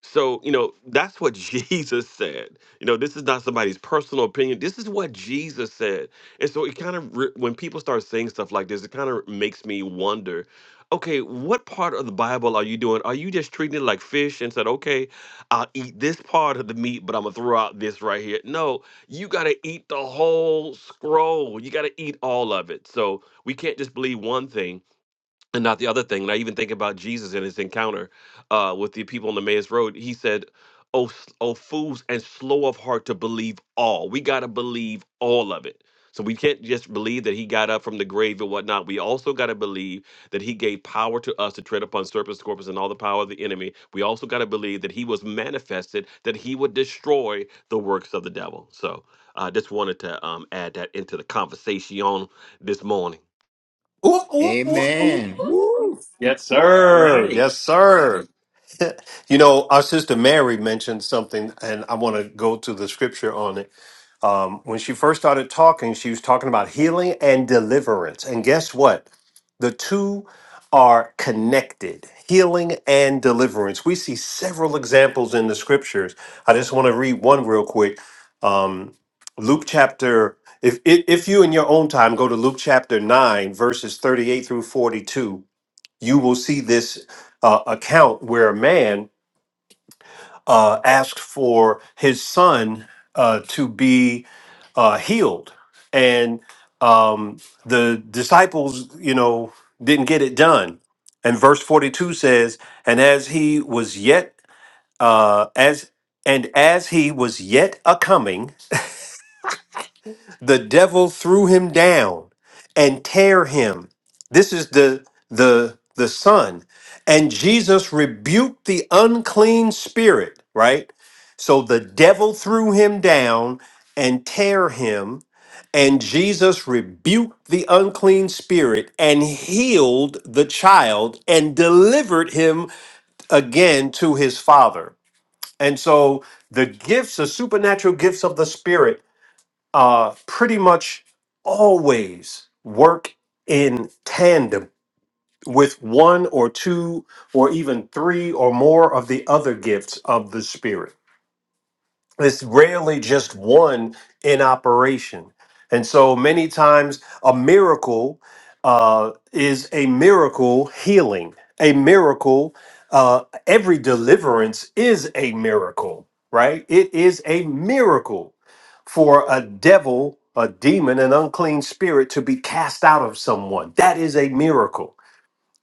C: So, you know, that's what Jesus said. You know, this is not somebody's personal opinion. This is what Jesus said. And so it kind of, re- when people start saying stuff like this, it kind of makes me wonder okay, what part of the Bible are you doing? Are you just treating it like fish and said, okay, I'll eat this part of the meat, but I'm going to throw out this right here? No, you got to eat the whole scroll. You got to eat all of it. So we can't just believe one thing and not the other thing. And I even think about Jesus in his encounter uh, with the people on the Emmaus Road. He said, "Oh, s- oh, fools and slow of heart to believe all. We gotta believe all of it." So we can't just believe that he got up from the grave and whatnot. We also got to believe that he gave power to us to tread upon serpents, scorpions, and all the power of the enemy. We also got to believe that he was manifested, that he would destroy the works of the devil. So I uh, just wanted to um, add that into the conversation this morning.
A: Ooh, ooh, ooh, ooh.
B: Amen. Woo.
A: Yes,
B: All
A: sir.
B: right.
A: Yes, sir. you know, our sister Mary mentioned something, and I want to go to the scripture on it um, when she first started talking, she was talking about healing and deliverance. And guess what? The two are connected healing and deliverance. We see several examples in the scriptures. I just want to read one real quick. Um, Luke chapter, if, if, if you in your own time go to Luke chapter 9, verses 38 through 42, you will see this uh, account where a man uh, asked for his son uh, to be uh, healed, and um, the disciples, you know, didn't get it done. And verse forty-two says, "And as he was yet, uh, as and as he was yet a coming." the devil threw him down and tear him this is the the the son and jesus rebuked the unclean spirit right so the devil threw him down and tear him and jesus rebuked the unclean spirit and healed the child and delivered him again to his father and so the gifts the supernatural gifts of the spirit uh, pretty much always work in tandem with one or two or even three or more of the other gifts of the Spirit it's rarely just one in operation. And so many times a miracle uh, is a miracle healing, a miracle. Uh, every deliverance is a miracle, right? It is a miracle for a devil, a demon, an unclean spirit to be cast out of someone. That is a miracle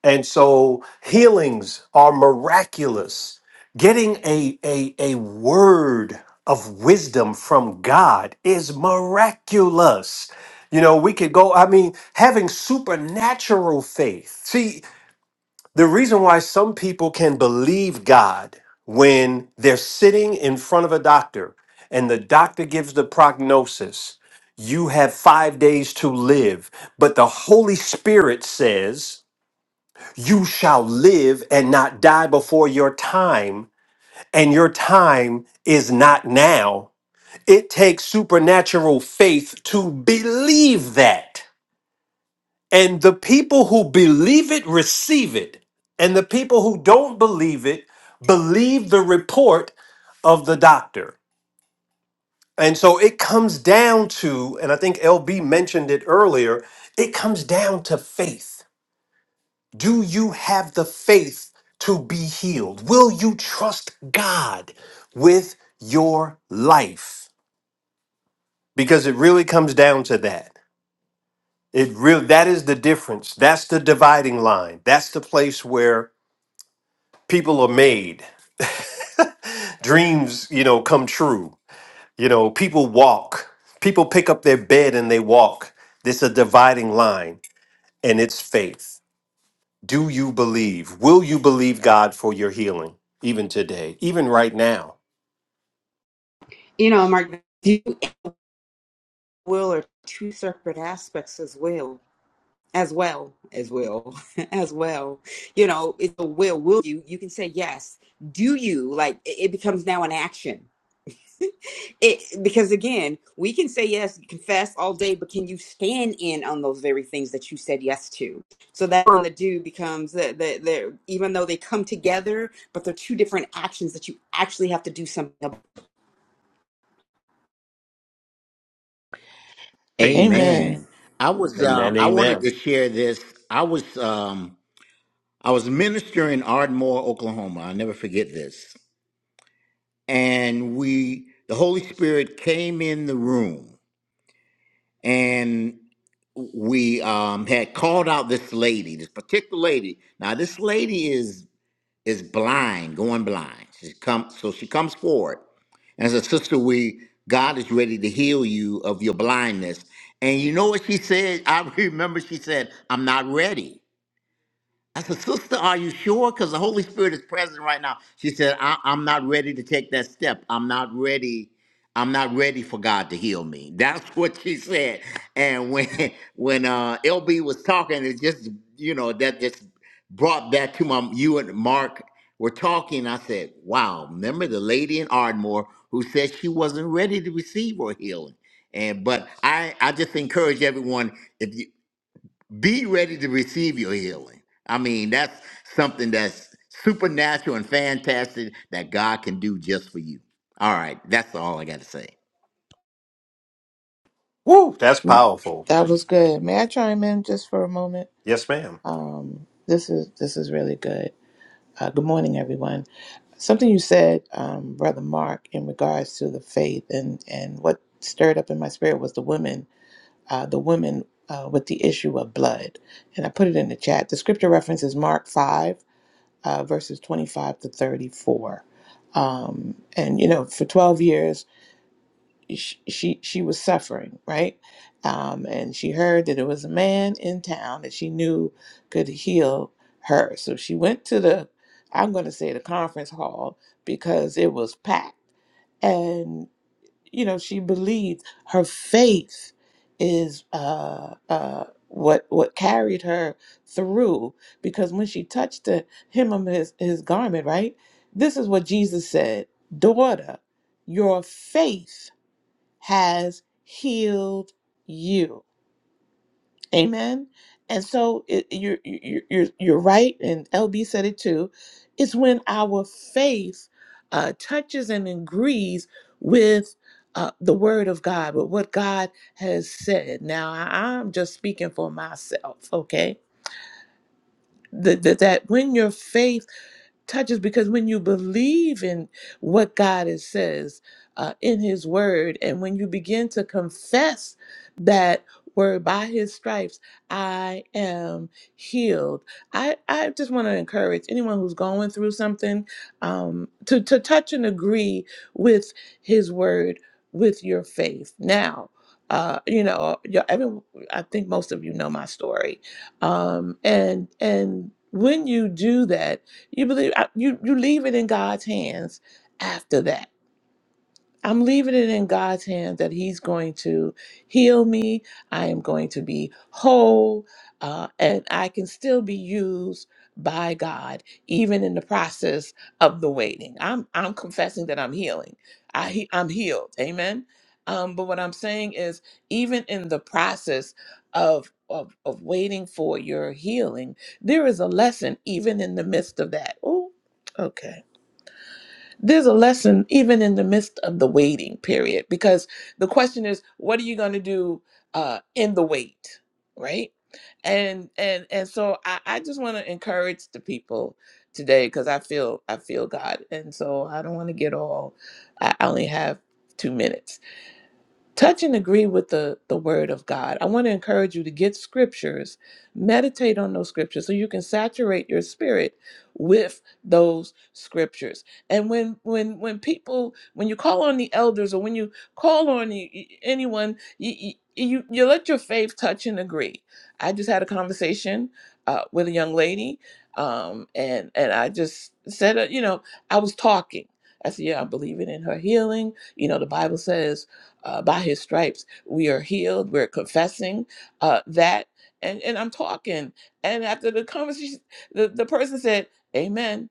A: and so healings are miraculous. Getting a, a, a word of wisdom from God is miraculous. You know, we could go, I mean, having supernatural faith. See, the reason why some people can believe God when they're sitting in front of a doctor and the doctor gives the prognosis, you have five days to live, but the Holy Spirit says, you shall live and not die before your time, and your time is not now. It takes supernatural faith to believe that. And the people who believe it receive it, and the people who don't believe it believe the report of the doctor. And so it comes down to, and I think LB mentioned it earlier, it comes down to faith. Do you have the faith to be healed? Will you trust God with your life? Because it really comes down to that. It really that is the difference. That's the dividing line. That's the place where people are made. Dreams, you know, come true. You know, people walk. People pick up their bed and they walk. This is a dividing line and it's faith. Do you believe? Will you believe God for your healing, even today, even right now?
E: You know, Mark, do you will are two separate aspects as well. as well as well as well you know it's a will will you you can say yes do you like it it becomes now an action it because again we can say yes confess all day but can you stand in on those very things that you said yes to so that on the do becomes the, the, the even though they come together but they're two different actions that you actually have to do something about
C: Hey, I just
G: Amen.
B: Amen. I was
A: Amen.
B: um I wanted
A: Amen.
B: to share this. I was um I was ministering in Ardmore, Oklahoma. I'll never forget this. And we the Holy Spirit came in the room and we um had called out this lady, this particular lady. Now this lady is is blind, going blind. She come, so she comes forward and says, Sister, we God is ready to heal you of your blindness. And you know what she said? I remember she said, I'm not ready. I said, Sister, are you sure? Because the Holy Spirit is present right now. She said, I- I'm not ready to take that step. I'm not ready. I'm not ready for God to heal me. That's what she said. And when when uh, LB was talking, it just you know that just brought that to my. You and Mark were talking. I said, Wow, remember the lady in Ardmore who said she wasn't ready to receive her healing. And but I I just encourage everyone if you be ready to receive your healing. I mean, that's something that's supernatural and fantastic that God can do just for you. All right, that's all I got to say.
A: Woo, that's powerful.
G: That was good. May I chime in just for a moment?
A: Yes, ma'am.
G: Um, this is this is really good. Uh, good morning, everyone. Something you said, um, Brother Mark, in regards to the faith and and what stirred up in my spirit was the woman, uh, the woman uh, with the issue of blood, and I put it in the chat. The scripture reference is Mark five, uh, verses twenty five to thirty four. Um, and you know, for twelve years, sh- she she was suffering, right? Um, and she heard that there was a man in town that she knew could heal her. So she went to the, I'm going to say the conference hall because it was packed. And you know, she believed her faith is uh, uh, what what carried her through because when she touched the hem of his his garment, right? This is what Jesus said, daughter, your faith has healed you. Amen. And so it, you're, you're you're you're right, and LB said it too. It's when our faith uh, touches and agrees with uh, the Word of God, with what God has said. Now I- I'm just speaking for myself, okay? That that that when your faith touches because when you believe in what God is, says uh, in His Word, and when you begin to confess that word by His stripes, I am healed. I, I just want to encourage anyone who's going through something um, to, to touch and agree with His Word with your faith. Now, uh, you know, you- every, I think most of you know my story, um, and and when you do that you believe I- you you leave it in God's hands after that. I'm leaving it in God's hands that He's going to heal me. I am going to be whole, uh, and I can still be used by God, even in the process of the waiting. I'm I'm confessing that I'm healing. I he- I'm healed. Amen. Um, but what I'm saying is, even in the process of, of of waiting for your healing, there is a lesson, even in the midst of that. Oh, okay there's a lesson even in the midst of the waiting period because the question is what are you going to do uh, in the wait right and and and so i, I just want to encourage the people today because i feel i feel god and so i don't want to get all i I only have two minutes touch and agree with the the word of god i want to encourage you to get scriptures meditate on those scriptures so you can saturate your spirit with those scriptures and when when when people when you call on the elders or when you call on y- y- anyone you you, you, you let your faith touch and agree i just had a conversation uh, with a young lady um, and and i just said uh, you know i was talking i said yeah i believe it in her healing you know the bible says uh, by his stripes we are healed we're confessing uh, that and, and i'm talking and after the conversation the, the person said amen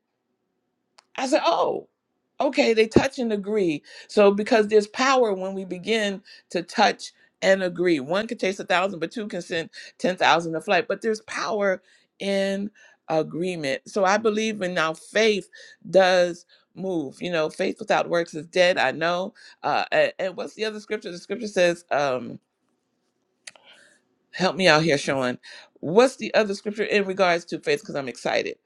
G: I said, oh, okay, they touch and agree. So because there's power when we begin to touch and agree. One can chase a thousand, but two can send 10,000 to flight. But there's power in agreement. So I believe in now faith does move. You know, faith without works is dead. I know. Uh, a- and, what's the other scripture? The scripture says, um, help me out here, Sean. What's the other scripture in regards to faith? Because I'm excited.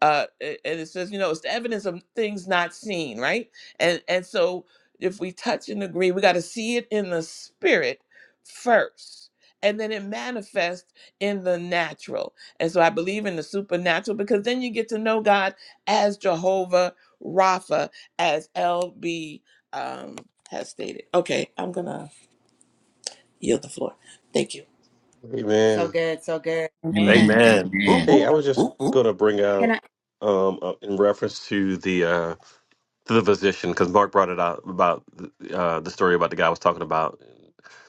G: Uh, a- and it says, you know, it's the evidence of things not seen, right? And and so if we touch and agree, we got to see it in the spirit first, and then it manifests in the natural. And so I believe in the supernatural because then you get to know God as Jehovah Rapha, as LB um, has stated. Okay, I'm gonna yield the floor. Thank you.
C: Amen.
E: So good, so good.
B: Amen.
D: Amen.
A: Amen. Woo,
B: Amen.
C: Hey,
A: woo,
C: I was just
A: woo, woo.
C: going to bring
E: Can I?
C: out um, uh, in reference to the uh, to the physician because Mark brought it out about uh, the story about the guy I was talking about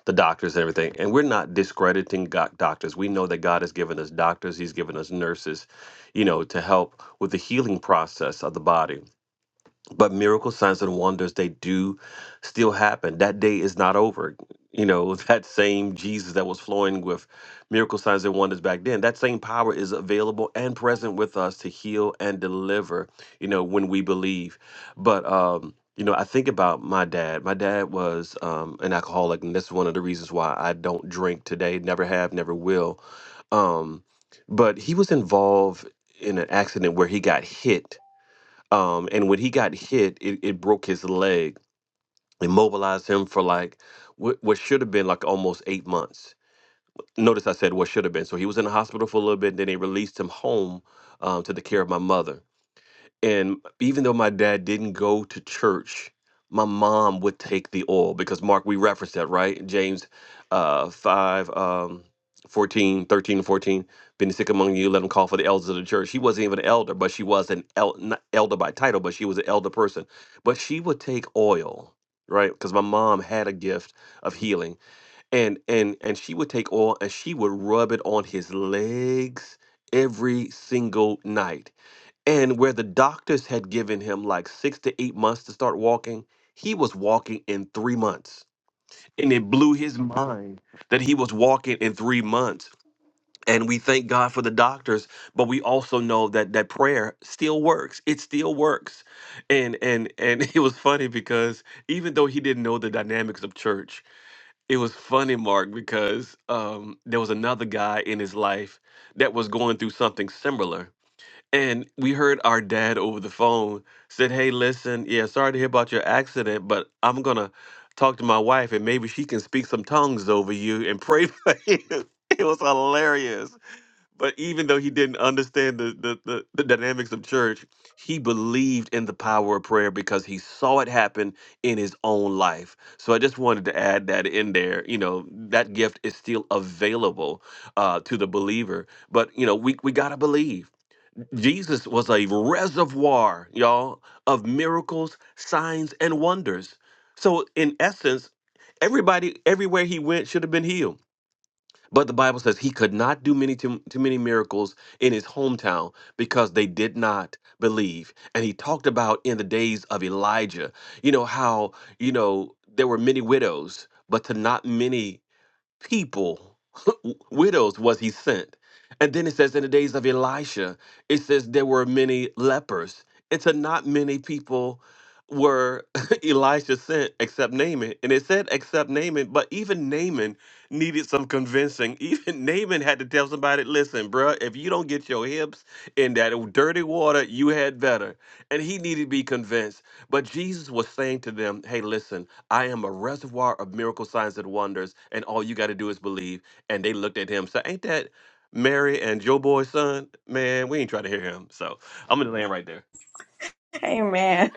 C: the doctors and everything. And we're not discrediting God, doctors. We know that God has given us doctors. He's given us nurses, you know, to help with the healing process of the body but miracles signs and wonders they do still happen that day is not over you know that same jesus that was flowing with miracle signs and wonders back then that same power is available and present with us to heal and deliver you know when we believe but um you know i think about my dad my dad was um an alcoholic and that's one of the reasons why i don't drink today never have never will um but he was involved in an accident where he got hit um, and when he got hit, it, it broke his leg, immobilized him for like what, what should have been like almost eight months. Notice I said what should have been. So he was in the hospital for a little bit, and then they released him home um, to the care of my mother. And even though my dad didn't go to church, my mom would take the oil because Mark, we referenced that, right? James uh, 5, um, 14, thirteen and 14. Been sick among you, let him call for the elders of the church. She wasn't even an elder, but she was an el- not elder by title, but she was an elder person. But she would take oil, right? Because my mom had a gift of healing. And and and she would take oil and she would rub it on his legs every single night and where the doctors had given him like six to eight months to start walking, he was walking in three months. And it blew his mind that he was walking in three months. And we thank God for the doctors, but we also know that that prayer still works. It still works. And and and it was funny because even though he didn't know the dynamics of church, it was funny, Mark, because um, there was another guy in his life that was going through something similar and we heard our dad over the phone said, "Hey, listen, yeah, sorry to hear about your accident, but I'm gonna talk to my wife, and maybe she can speak some tongues over you and pray for you." It was hilarious. But even though he didn't understand the, the the the dynamics of church, he believed in the power of prayer because he saw it happen in his own life. So I just wanted to add that in there. You know, that gift is still available uh, to the believer, but you know, we we gotta believe Jesus was a reservoir, y'all, of miracles, signs, and wonders. So, in essence, everybody, everywhere he went, should have been healed. But the Bible says he could not do many too, too many miracles in his hometown because they did not believe. And he talked about in the days of Elijah, you know how you know there were many widows, but to not many people, widows was he sent. And then it says, in the days of Elisha, it says there were many lepers. It's a not many people were Elisha sent except Naaman. And it said except Naaman, but even Naaman needed some convincing. Even Naaman had to tell somebody, listen, bruh, if you don't get your hips in that dirty water, you had better. And he needed to be convinced. But Jesus was saying to them, hey, listen, I am a reservoir of miracle signs and wonders, and all you got to do is believe. And they looked at him. So ain't that Mary and Joe Boy's son? Man, we ain't trying to hear him. So I'm gonna land right there.
D: Amen.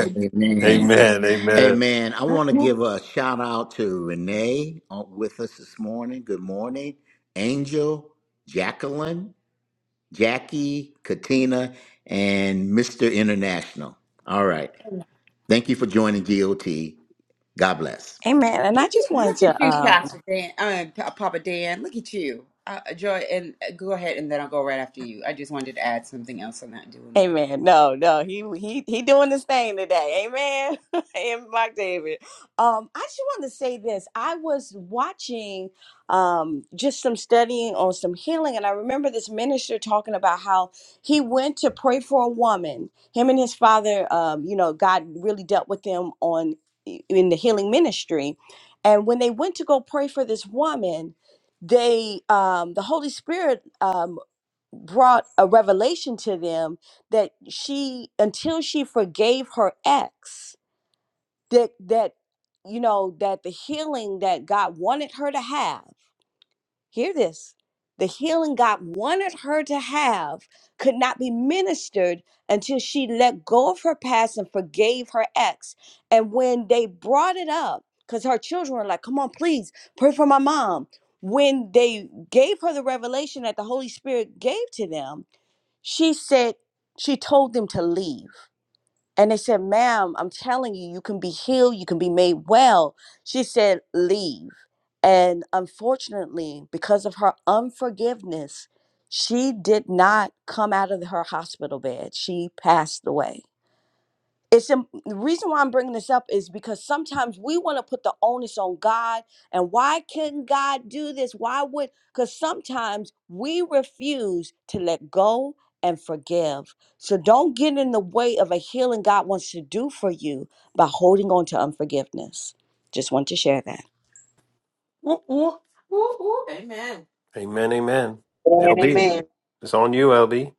B: Amen.
A: Amen. Amen.
B: Amen. I want to give a shout out to Renee uh, with us this morning. Good morning. Angel, Jacqueline, Jackie, Katina, and Mr. International. All right. Thank you for joining GOT. God bless.
D: Amen. And I just wanted
E: Look at
D: to
E: you,
D: um,
E: Pastor Dan, uh, Pa- Papa Dan. Look at you, uh, Joy. And uh, go ahead, and then I'll go right after you. I just wanted to add something else on that doing well.
D: Amen. No, no, he he he doing this thing today. Amen. and Mark David. Um, I just want to say this. I was watching um just some studying on some healing, and I remember this minister talking about how he went to pray for a woman. Him and his father, um, you know, God really dealt with them on in the healing ministry. And when they went to go pray for this woman, they um the Holy Spirit um, brought a revelation to them that she until she forgave her ex that that you know that the healing that God wanted her to have hear this the healing God wanted her to have could not be ministered until she let go of her past and forgave her ex and when they brought it up cuz her children were like come on please pray for my mom when they gave her the revelation that the holy spirit gave to them she said, she told them to leave. And they said, ma'am, I'm telling you, you can be healed, you can be made well. She said, leave. And unfortunately, because of her unforgiveness, she did not come out of her hospital bed. She passed away it's im- the reason why I'm bringing this up is because sometimes we want to put the onus on God and why couldn't God do this? Why would? Because sometimes we refuse to let go and forgive. So don't get in the way of a healing God wants to do for you by holding on to unforgiveness. Just want to share that.
A: Amen. Amen.
F: And
A: LB,
F: amen.
A: it's on you, LB.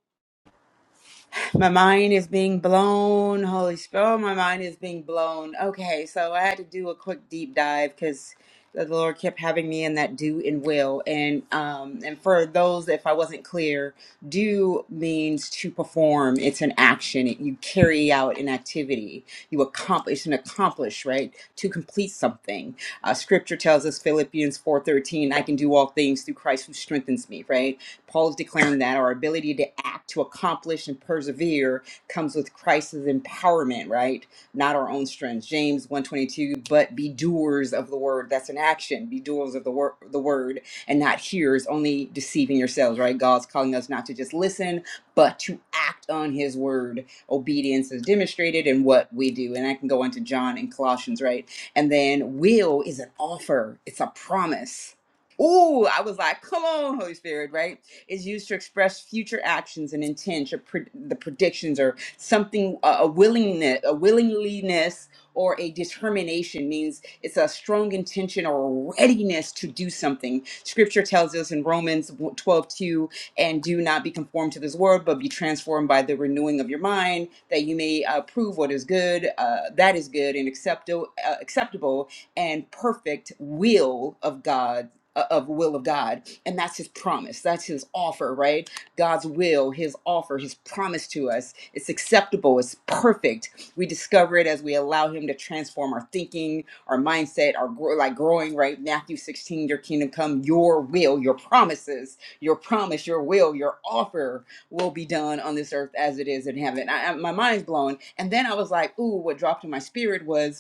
E: My mind is being blown. Holy Spirit, my mind is being blown. Okay, so I had to do a quick deep dive because the Lord kept having me in that do and will. And um, and for those, if I wasn't clear, do means to perform. It's an action. you carry out an activity. You accomplish and accomplish, right? To complete something. Uh, scripture tells us Philippians four thirteen. I can do all things through Christ who strengthens me. Right Paul is declaring that our ability to act, to accomplish, and persevere comes with Christ's empowerment, right? Not our own strength. James 122, but be doers of the word. That's an action. Be doers of the word the word and not hearers, only deceiving yourselves, right? God's calling us not to just listen, but to act on his word. Obedience is demonstrated in what we do. And I can go into John and Colossians, right? And then will is an offer, it's a promise. Ooh, I was like, come on, Holy Spirit, right? is used to express future actions and intent, or pre- the predictions or something a a willingness a willingness or a determination means it's a strong intention or a readiness to do something scripture tells us in romans 12 2, and do not be conformed to this world but be transformed by the renewing of your mind that you may uh, prove what is good uh, that is good and acceptable uh, acceptable and perfect will of god uh, of will of god and that's his promise. That's his offer, right? God's will, his offer, his promise to us. It's acceptable, it's perfect. We discover it as we allow him to transform our thinking, our mindset, our grow, like growing, right? Matthew 16, your kingdom come, your will, your promises, your promise, your will, your offer will be done on this earth as it is in heaven. I, I, my mind's blown. And then I was like, ooh, what dropped in my spirit was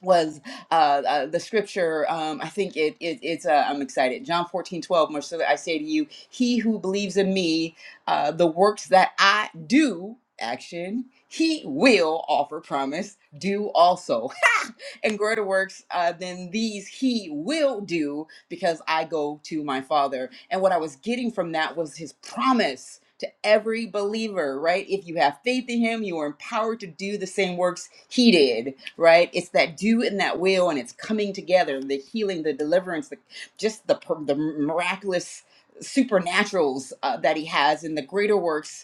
E: was uh, uh, the scripture. Um, I think it, it it's. Uh, I'm excited. John 14 12. More so I say to you, he who believes in me, uh, the works that I do, action, he will offer promise, do also and greater works uh, than these he will do because I go to my Father. And what I was getting from that was his promise to every believer, right? If you have faith in him, you are empowered to do the same works he did, right? It's that do and that will, and it's coming together the healing, the deliverance, the, just the, the miraculous supernaturals uh, that he has and the greater works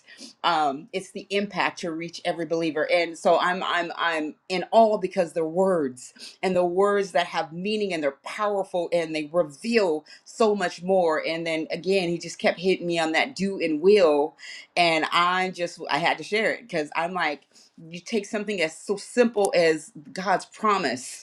E: um, it's the impact to reach every believer. And so I'm I'm I'm in awe because the words and the words that have meaning and they're powerful and they reveal so much more. And then again, he just kept hitting me on that do and will, and I just I had to share it because I'm like, you take something as so simple as God's promise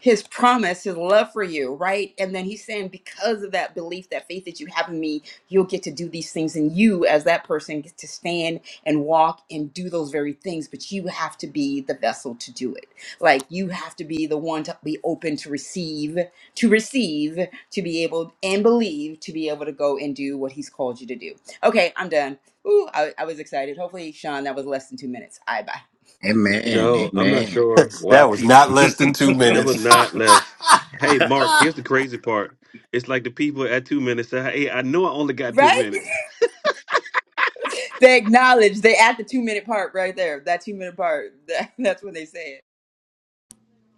E: his promise, his love for you, right? And then he's saying, because of that belief, that faith that you have in me, you'll get to do these things. And you, as that person, get to stand and walk and do those very things, but you have to be the vessel to do it. Like you have to be the one to be open to receive, to receive, to be able and believe to be able to go and do what he's called you to do. Okay, I'm done. Ooh, I, I was excited. Hopefully, Sean, that was less than two minutes. I bye.
B: Amen.
C: No, I'm not
B: Amen.
C: sure why
A: That was
C: people
A: not less than two
C: that would
A: minutes.
C: not last. Hey, Mark, here's the crazy part. It's like the people at two minutes say, Hey, I know I only got two
E: Right?
C: minutes.
E: They acknowledge they at the two minute part right there. That two minute part. That, that's when they say it.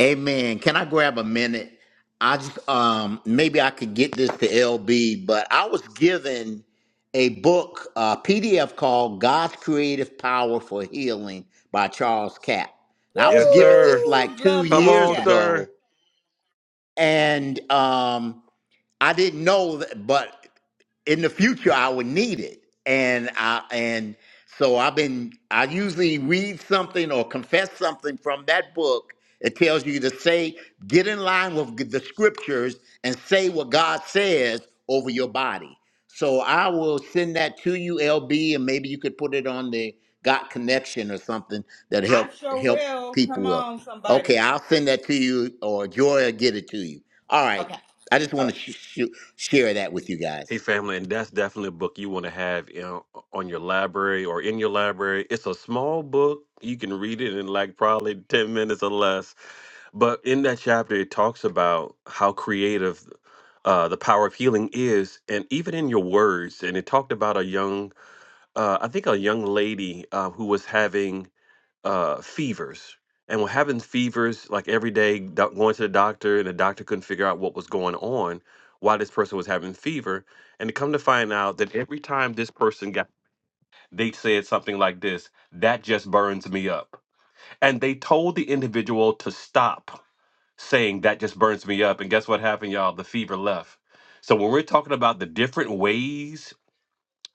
B: Amen. Can I grab a minute? I just, um maybe I could get this to LB, but I was given a book, a PDF called God's Creative Power for Healing by Charles Capp. And I was
C: Yes,
B: given this
C: sir.
E: Woo!
B: like two
E: Love
C: Come
E: Charles
B: years
C: on,
E: Cat.
C: sir.
B: ago, and um I didn't know that, but in the future I would need it. And I and so I've been I usually read something or confess something from that book. It tells you to say, get in line with the scriptures and say what God says over your body. So I will send that to you, LB, and maybe you could put it on the Got Connection or something that
E: I
B: help
E: sure
B: help
E: will.
B: people
E: Come
B: will.
E: on,
B: Okay,
E: somebody.
B: I'll send that to you or Joy will get it to you. All right.
E: Okay.
B: I just
E: All
B: want
E: right.
B: to sh- sh- share that with you
C: Hey,
B: guys.
C: family, and that's definitely a book you want to have in, on your library or in your library. It's a small book. You can read it in like probably 10 minutes or less. But in that chapter, it talks about how creative uh, the power of healing is, and even in your words. And it talked about a young, uh, I think a young lady uh, who was having uh, fevers and were having fevers like every day, doc- going to the doctor, and the doctor couldn't figure out what was going on, why this person was having fever. And to come to find out that every time this person got, they said something like this, that just burns me up. And they told the individual to stop saying that just burns me up. And guess what happened, y'all? The fever left. So when we're talking about the different ways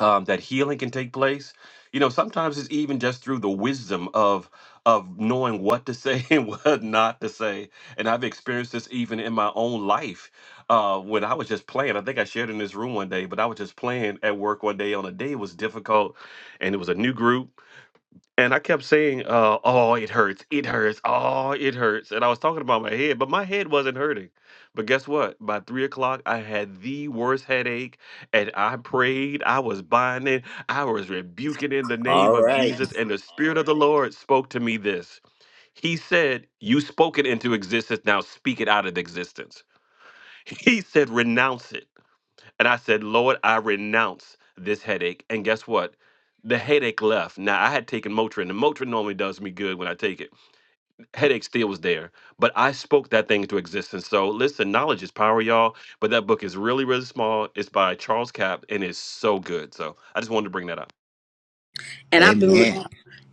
C: um, that healing can take place. You know, sometimes it's even just through the wisdom of of knowing what to say and what not to say. And I've experienced this even in my own life uh, when I was just playing. I think I shared in this room one day, but I was just playing at work one day on a day it was difficult, and it was a new group and I kept saying, uh, "Oh, it hurts! It hurts! Oh, it hurts!" And I was talking about my head, but my head wasn't hurting. But guess what? By three o'clock, I had the worst headache, and I prayed. I was binding. I was rebuking in the name
B: All
C: of
B: right.
C: Jesus, and the Spirit of the Lord spoke to me this. He said, "You spoke it into existence. Now speak it out of existence." He said, "Renounce it." And I said, Lord, I renounce this headache. And guess what? The headache left. Now, I had taken Motrin, and Motrin normally does me good when I take it. Headache still was there, but I spoke that thing into existence. So, listen, knowledge is power, y'all. But that book is really, really small. It's by Charles Capp, and it's so good. So, I just wanted to bring that up.
D: And I've been
B: Amen.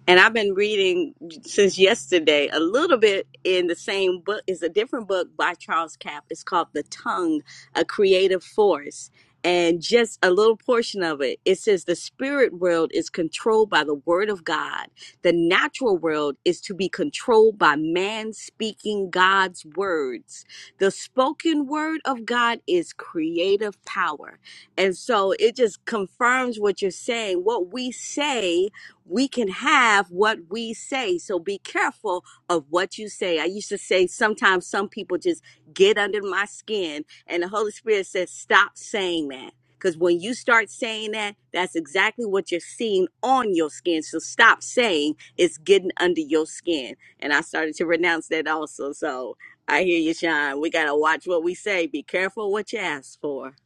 D: and I've been reading since yesterday a little bit in the same book. It's a different book by Charles Capp. It's called The Tongue, A Creative Force. And just a little portion of it, it says the spirit world is controlled by the word of God. The natural world is to be controlled by man speaking God's words. The spoken word of God is creative power. And so it just confirms what you're saying. What we say we can have what we say. So be careful of what you say. I used to say sometimes some people just get under my skin, and the Holy Spirit says, stop saying that. Because when you start saying that, that's exactly what you're seeing on your skin. So stop saying it's getting under your skin. And I started to renounce that also. So I hear you, Sean. We got to watch what we say. Be careful what you ask for.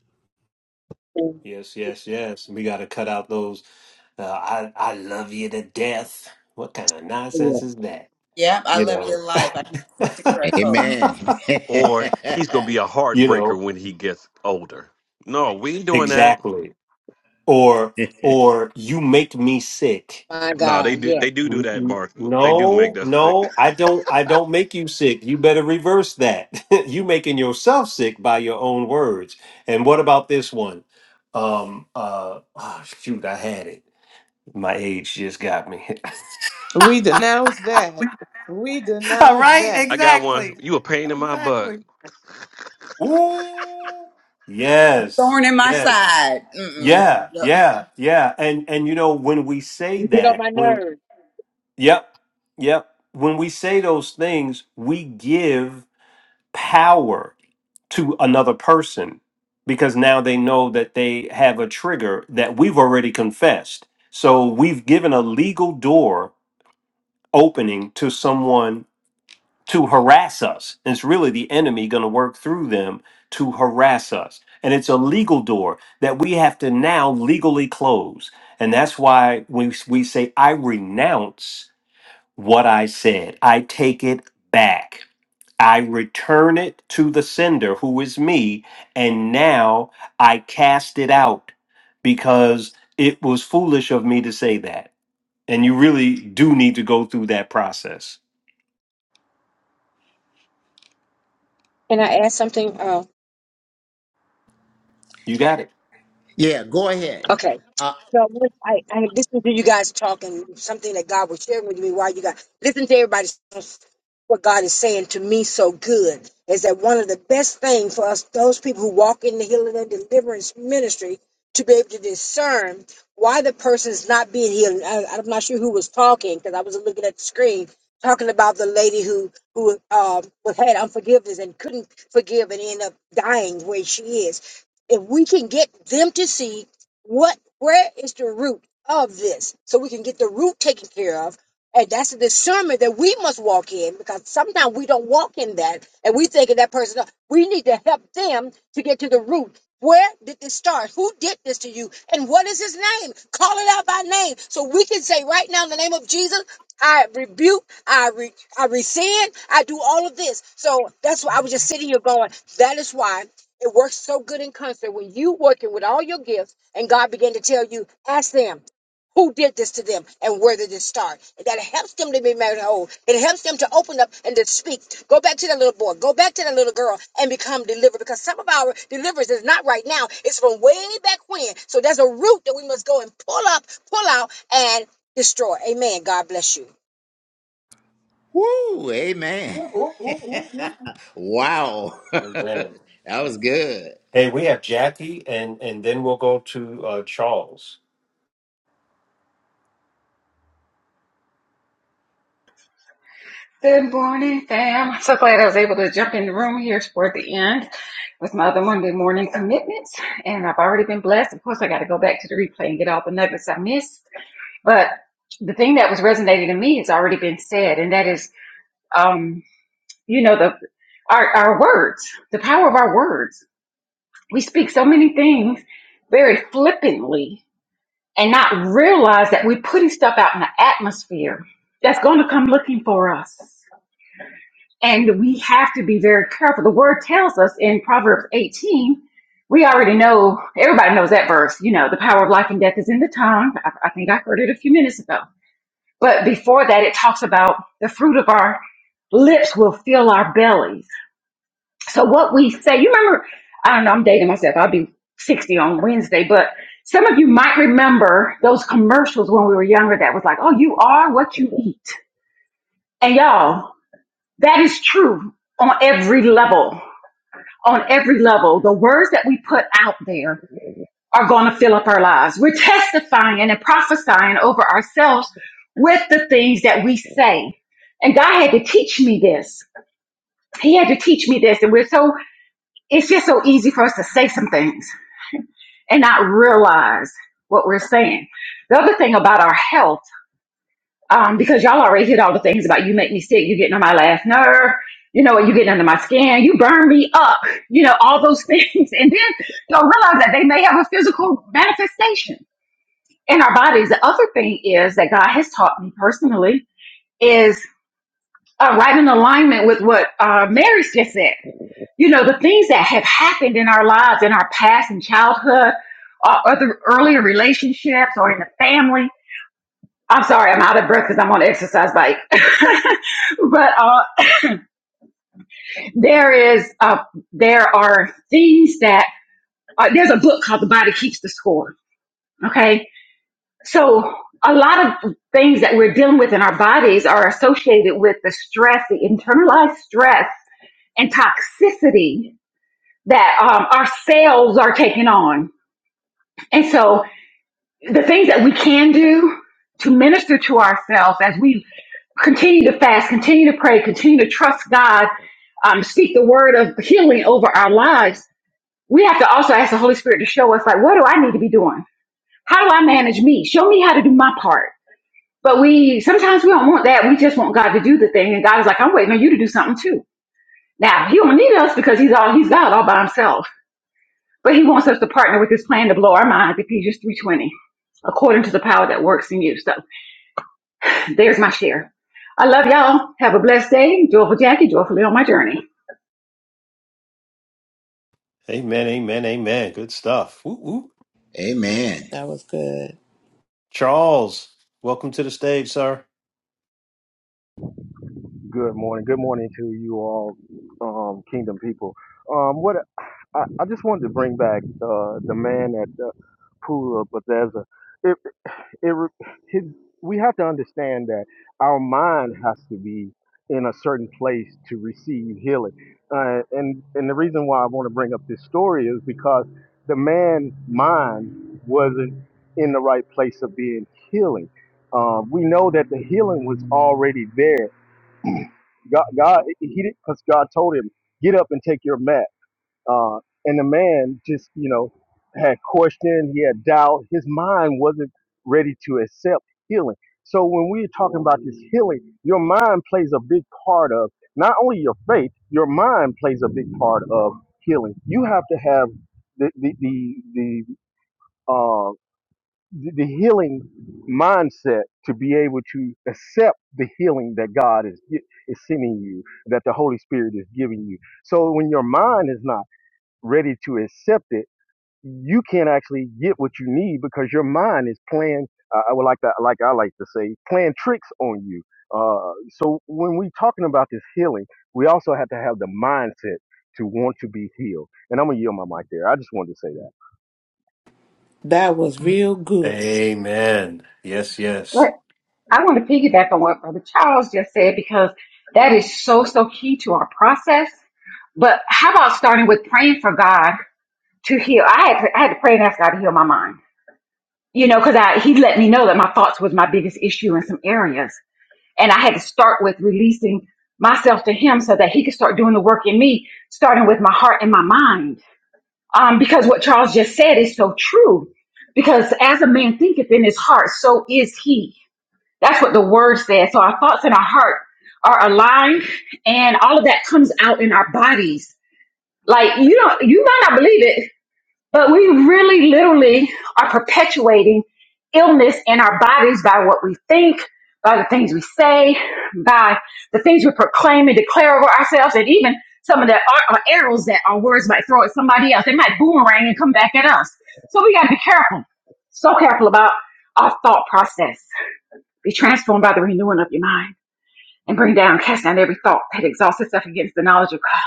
A: yes, yes, yes. We got to cut out those. Uh, I I love you to death. What kind of
F: Yeah.
A: nonsense is that?
E: Yeah, I
A: You
E: love
A: know.
E: your life. I'm quick to correct folks.
B: Amen.
C: Or he's gonna be a
A: you
C: heartbreaker
A: know
C: when he gets older. No, we ain't doing that.
A: exactly or or you make me sick
F: My
C: No, they
F: God,
C: do.
F: yeah.
C: They do do
A: N-
C: that,
A: n-
C: Mark. They do make
A: no
C: us sick.
A: no i don't i don't make you sick you better reverse that you making yourself sick by your own words and what about this one um uh oh, shoot i had it my age just got me
G: We denounce that. We
A: all
G: denounce
A: right
G: that.
C: I got one.
A: exactly
C: You a pain in my butt.
A: exactly Ooh,
E: A
A: yes
E: thorn in my
A: yes
E: side. Mm-mm.
A: Yeah,
E: No.
A: yeah, yeah. And and you know when we say
F: You get on
A: that,
F: my
A: when
F: nerves.
A: yep, yep, when we say those things, we give power to another person because now they know that they have a trigger that we've already confessed. So we've given a legal door opening to someone to harass us. And it's really the enemy going to work through them to harass us. And it's a legal door that we have to now legally close. And that's why we, we say, I renounce what I said, I take it back. I return it to the sender, who is me, and now I cast it out because it was foolish of me to say that. And you really do need to go through that process.
F: Can I add something? Uh,
A: You got
B: yeah, go ahead.
F: okay.
B: Uh,
F: So what- I, I had listened to you guys talking something that God was sharing with me while you guys listen to everybody. What God is saying to me so good is that one of the best things for us, those people who walk in the healing and deliverance ministry, to be able to discern why the person's not being healed. I, I'm not sure who was talking because I was looking at the screen talking about the lady who who um, had unforgiveness and couldn't forgive and end up dying where she is. If we can get them to see what where is the root of this so we can get the root taken care of and that's the discernment that we must walk in because sometimes we don't walk in that and we think of that person we need to help them to get to the root where did this start who did this to you and what is his name call it out by name so we can say right now in the name of jesus I rebuke, I re, I rescind, I do all of this. So that's why I was just sitting here going. That is why it works so good in concert when you working with all your gifts and God began to tell you, ask them who did this to them and where did it start. That helps them to be made whole. It helps them to open up and to speak. Go back to that little boy, go back to that little girl and become delivered because some of our deliverance is not right now. It's from way back when. So there's a root that we must go and pull up, pull out and destroy. Amen. God bless
B: woo, amen. wow.
A: it.
B: that was good.
A: Hey, we have Jackie, and and then we'll go to uh, Charles.
H: Good morning, fam. I'm so glad I was able to jump in the room here toward the end with my other Monday morning commitments. And I've already been blessed. Of course, I got to go back to the replay and get all the nuggets I missed. But the thing that was resonating to me has already been said, and that is, um, you know, the our, our words, the power of our words. We speak so many things very flippantly and not realize that we're putting stuff out in the atmosphere that's going to come looking for us And we have to be very careful. The word tells us in Proverbs 18, we already know, everybody knows that verse, you know, the power of life and death is in the tongue. I, I think I heard it a few minutes ago. But before that, it talks about the fruit of our lips will fill our bellies. So what we say, you remember, I don't know, I'm dating myself. I'll be 60 on Wednesday, but some of you might remember those commercials when we were younger that was like, oh, you are what you eat. And y'all, that is true on every level on every level. The words that we put out there are going to fill up our lives. We're testifying and prophesying over ourselves with the things that we say. And God had to teach me this. He had to teach me this. And we're so, it's just so easy for us to say some things and not realize what we're saying. The other thing about our health um, because y'all already hit all the things about you make me sick, you getting on my last nerve, you know, you getting under my skin, you burn me up, you know, all those things. And then you'll realize that they may have a physical manifestation in our bodies. The other thing is that God has taught me personally is uh, right in alignment with what uh, Mary's just said. You know, the things that have happened in our lives, in our past, in childhood, or other earlier relationships, or in the family I'm sorry, I'm out of breath because I'm on an exercise bike. but uh, there is, uh, there are things that uh, there's a book called The Body Keeps the Score. Okay, so a lot of things that we're dealing with in our bodies are associated with the stress, the internalized stress and toxicity that um, our cells are taking on. And so the things that we can do to minister to ourselves as we continue to fast, continue to pray, continue to trust God, um, speak the word of healing over our lives, we have to also ask the Holy Spirit to show us, like, what do I need to be doing? How do I manage me? Show me how to do my part. But we sometimes we don't want that. We just want God to do the thing. And God is like, I'm waiting on you to do something too. Now He don't need us because He's all He's God all by Himself. But He wants us to partner with His plan to blow our minds. Ephesians three twenty, according to the power that works in you. So. There's my share. I love y'all. Have a blessed day. Joyful Jackie, joyfully on my journey.
A: Amen, amen, amen. Good stuff. Woo, woo.
B: Amen.
G: That was good.
A: Charles, welcome to the stage, sir.
I: Good morning. Good morning to you all, um, Kingdom people. Um, what I, I just wanted to bring back uh, the man at the pool of Bethesda. It, it, his, we have to understand that our mind has to be in a certain place to receive healing. Uh, and and the reason why I want to bring up this story is because the man's mind wasn't in the right place of being healing. Uh, we know that the healing was already there God, God, he did because God told him, "Get up and take your mat." Uh, and the man just, you know, had question, he had doubt. His mind wasn't ready to accept healing. So when we're talking about this healing, your mind plays a big part of not only your faith. Your mind plays a big part of healing. You have to have the the the, the uh, the, the healing mindset to be able to accept the healing that God is gi- is sending you, that the Holy Spirit is giving you. So when your mind is not ready to accept it, you can't actually get what you need because your mind is playing. Uh, I would like to, like I like to say, playing tricks on you. Uh, so when we're talking about this healing, we also have to have the mindset to want to be healed. And I'm gonna yield my mic there. I just wanted to say that.
G: That was real good.
A: Amen. Yes,
H: But
A: yes,
H: I want to piggyback on what Brother Charles just said because that is so, so key to our process. But how about starting with praying for God to heal? I had to, I had to pray and ask God to heal my mind, you know, because I He let me know that my thoughts was my biggest issue in some areas, and I had to start with releasing myself to Him so that He could start doing the work in me, starting with my heart and my mind. um, because what Charles just said is so true. Because as a man thinketh in his heart, so is he. That's what the word says. So our thoughts and our heart are aligned, and all of that comes out in our bodies. Like you don't, you might not believe it, but we really literally are perpetuating illness in our bodies by what we think, by the things we say, by the things we proclaim and declare over ourselves, and even some of the ar- uh, arrows that our words might throw at somebody else. They might boomerang and come back at us. So we got to be careful, so careful about our thought process. Be transformed by the renewing of your mind. And bring down, cast down every thought that exalts itself against the knowledge of God.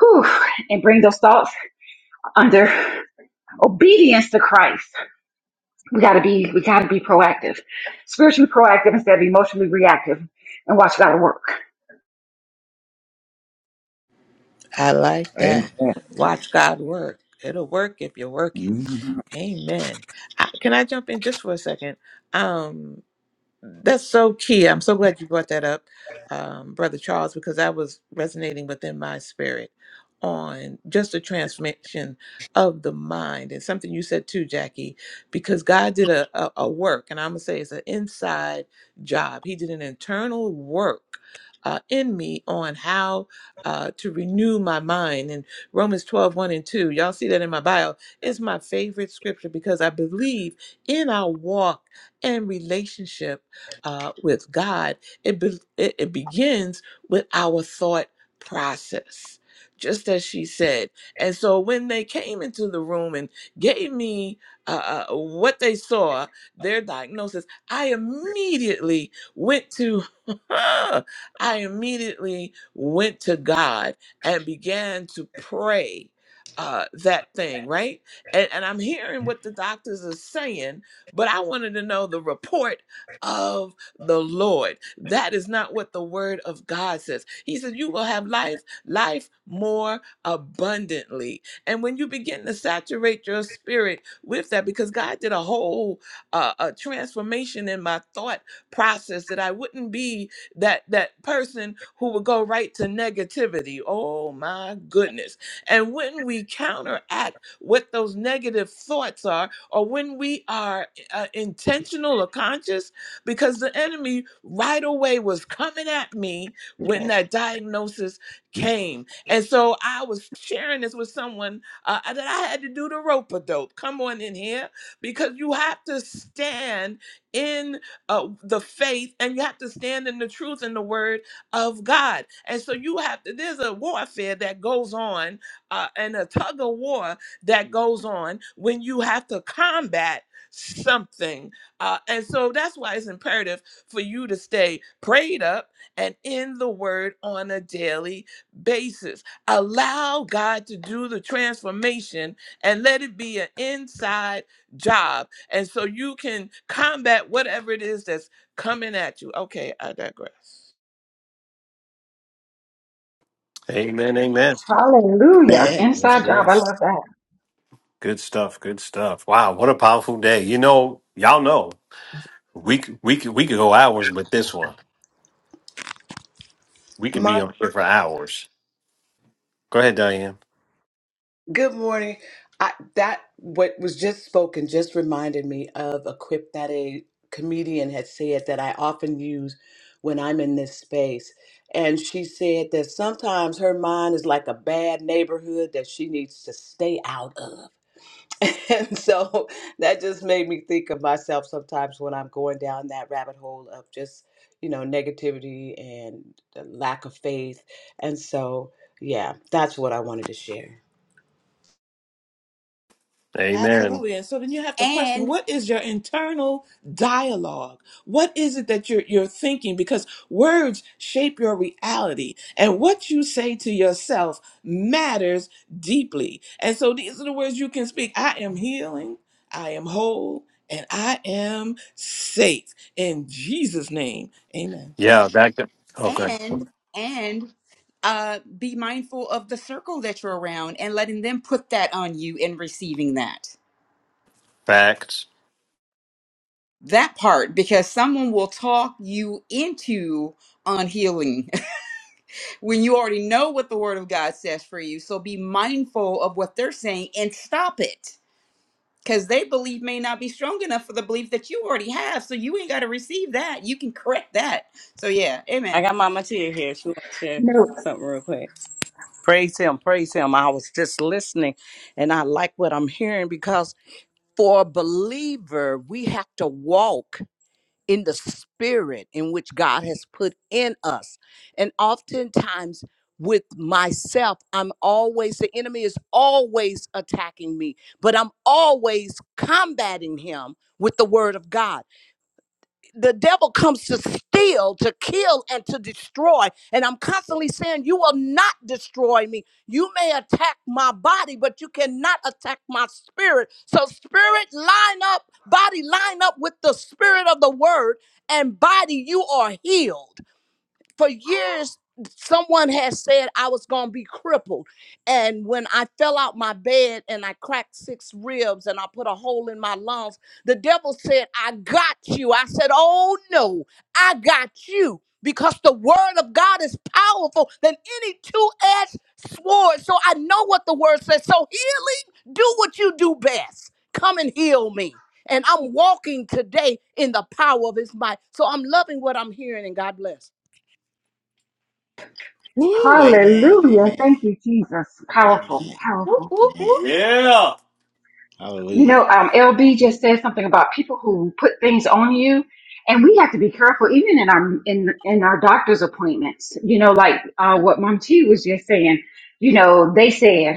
H: Whew. And bring those thoughts under obedience to Christ. We gotta be we gotta be proactive. Spiritually proactive instead of emotionally reactive and watch God work.
G: I like
B: Amen.
G: that. Watch God work. It'll work if you work it.
B: Mhm.
G: Amen. I, can I jump in just for a second? Um, That's so key. I'm so glad you brought that up, um, Brother Charles, because I was resonating within my spirit on just the transformation of the mind and something you said too, Jackie, because God did a, a, a work, and I'm gonna say it's an inside job. He did an internal work. Uh, in me on how uh, to renew my mind and romans 12 one and 2 y'all see that in my bio is my favorite scripture because i believe in our walk and relationship uh, with God, it, be- it, it begins with our thought process, just as she said. And so when they came into the room and gave me uh, uh, what they saw, their diagnosis, I immediately went to, I immediately went to God and began to pray uh, that thing, right? And, and I'm hearing what the doctors are saying, but I wanted to know the report the Lord. That is not what the word of God says. He says, You will have life, life more abundantly. And when you begin to saturate your spirit with that, because God did a whole uh, a transformation in my thought process that I wouldn't be that that person who would go right to negativity. Oh my goodness. And when we counteract what those negative thoughts are, or when we are uh, intentional or conscious because the enemy right away was coming at me when that diagnosis came. And so I was sharing this with someone uh, that I had to do the rope a dope. Come on in here because you have to stand in uh, the faith and you have to stand in the truth and the word of God. And so you have to, there's a warfare that goes on uh, and a tug of war that goes on when you have to combat something uh, and so that's why it's imperative for you to stay prayed up and in the word on a daily basis. Allow God to do the transformation and let it be an inside job. And so you can combat whatever it is that's coming at you. Okay, I digress.
A: Amen, amen.
H: Hallelujah.
B: Amen.
A: yes,
H: Inside job. I
A: yes.
H: love that.
A: Good stuff. Good stuff. Wow, what a powerful day. You know, y'all know we c- we could we could go hours with this one. We could be
J: My
A: on here for hours. Go ahead, Diane.
J: good morning. I, that what was just spoken just reminded me of a quip that a comedian had said that I often use when I'm in this space. And she said that sometimes her mind is like a bad neighborhood that she needs to stay out of. And so that just made me think of myself sometimes when I'm going down that rabbit hole of just, you know, negativity and the lack of faith. And so, yeah, that's what I wanted to share.
A: Amen.
G: Absolutely. And so then you have to question
E: And
G: what is your internal dialogue? What is it that you're you're thinking? Because words shape your reality. And what you say to yourself matters deeply. And so these are the words you can speak. I am healing, I am whole, and I am safe. In Jesus' name. Amen.
A: Yeah, back to okay.
E: and and uh be mindful of the circle that you're around and letting them put that on you and receiving that.
A: Facts.
E: That part because someone will talk you into unhealing when you already know what the word of God says for you. So be mindful of what they're saying and stop it. Because they believe may not be strong enough for the belief that you already have. So you ain't got to receive that. You can correct that. So yeah,
D: I
E: amen.
D: got Mama Tia here. She wants to share
H: You know,
D: something real quick. Praise him, praise him. I was just listening and I like what I'm hearing because for a believer, we have to walk in the spirit in which God has put in us. And oftentimes, with myself, I'm always, the enemy is always attacking me, but I'm always combating him with the word of God the devil comes to steal, to kill, and to destroy. And I'm constantly saying, You will not destroy me. You may attack my body, but you cannot attack my spirit. So, spirit, line up, body, line up with the spirit of the word, and body, you are healed for years someone has said i was going to be crippled and when i fell out my bed and i cracked six ribs and i put a hole in my lungs the devil said i got you i said oh no i got you because the word of god is powerful than any two-edged sword so i know what the word says so healing do what you do best come and heal me and i'm walking today in the power of his might so i'm loving what i'm hearing and god bless
B: Woo, amen.
H: hallelujah.
B: Amen.
H: Thank you, Jesus. Powerful,
B: Amen.
H: powerful.
A: Whoop,
B: Amen.
A: whoop. Yeah.
H: You
B: Hallelujah.
H: know, um, LB just said something about people who put things on you. And we have to be careful, even in our in in our doctor's appointments. You know, like uh, what Mom T was just saying. You know, they said.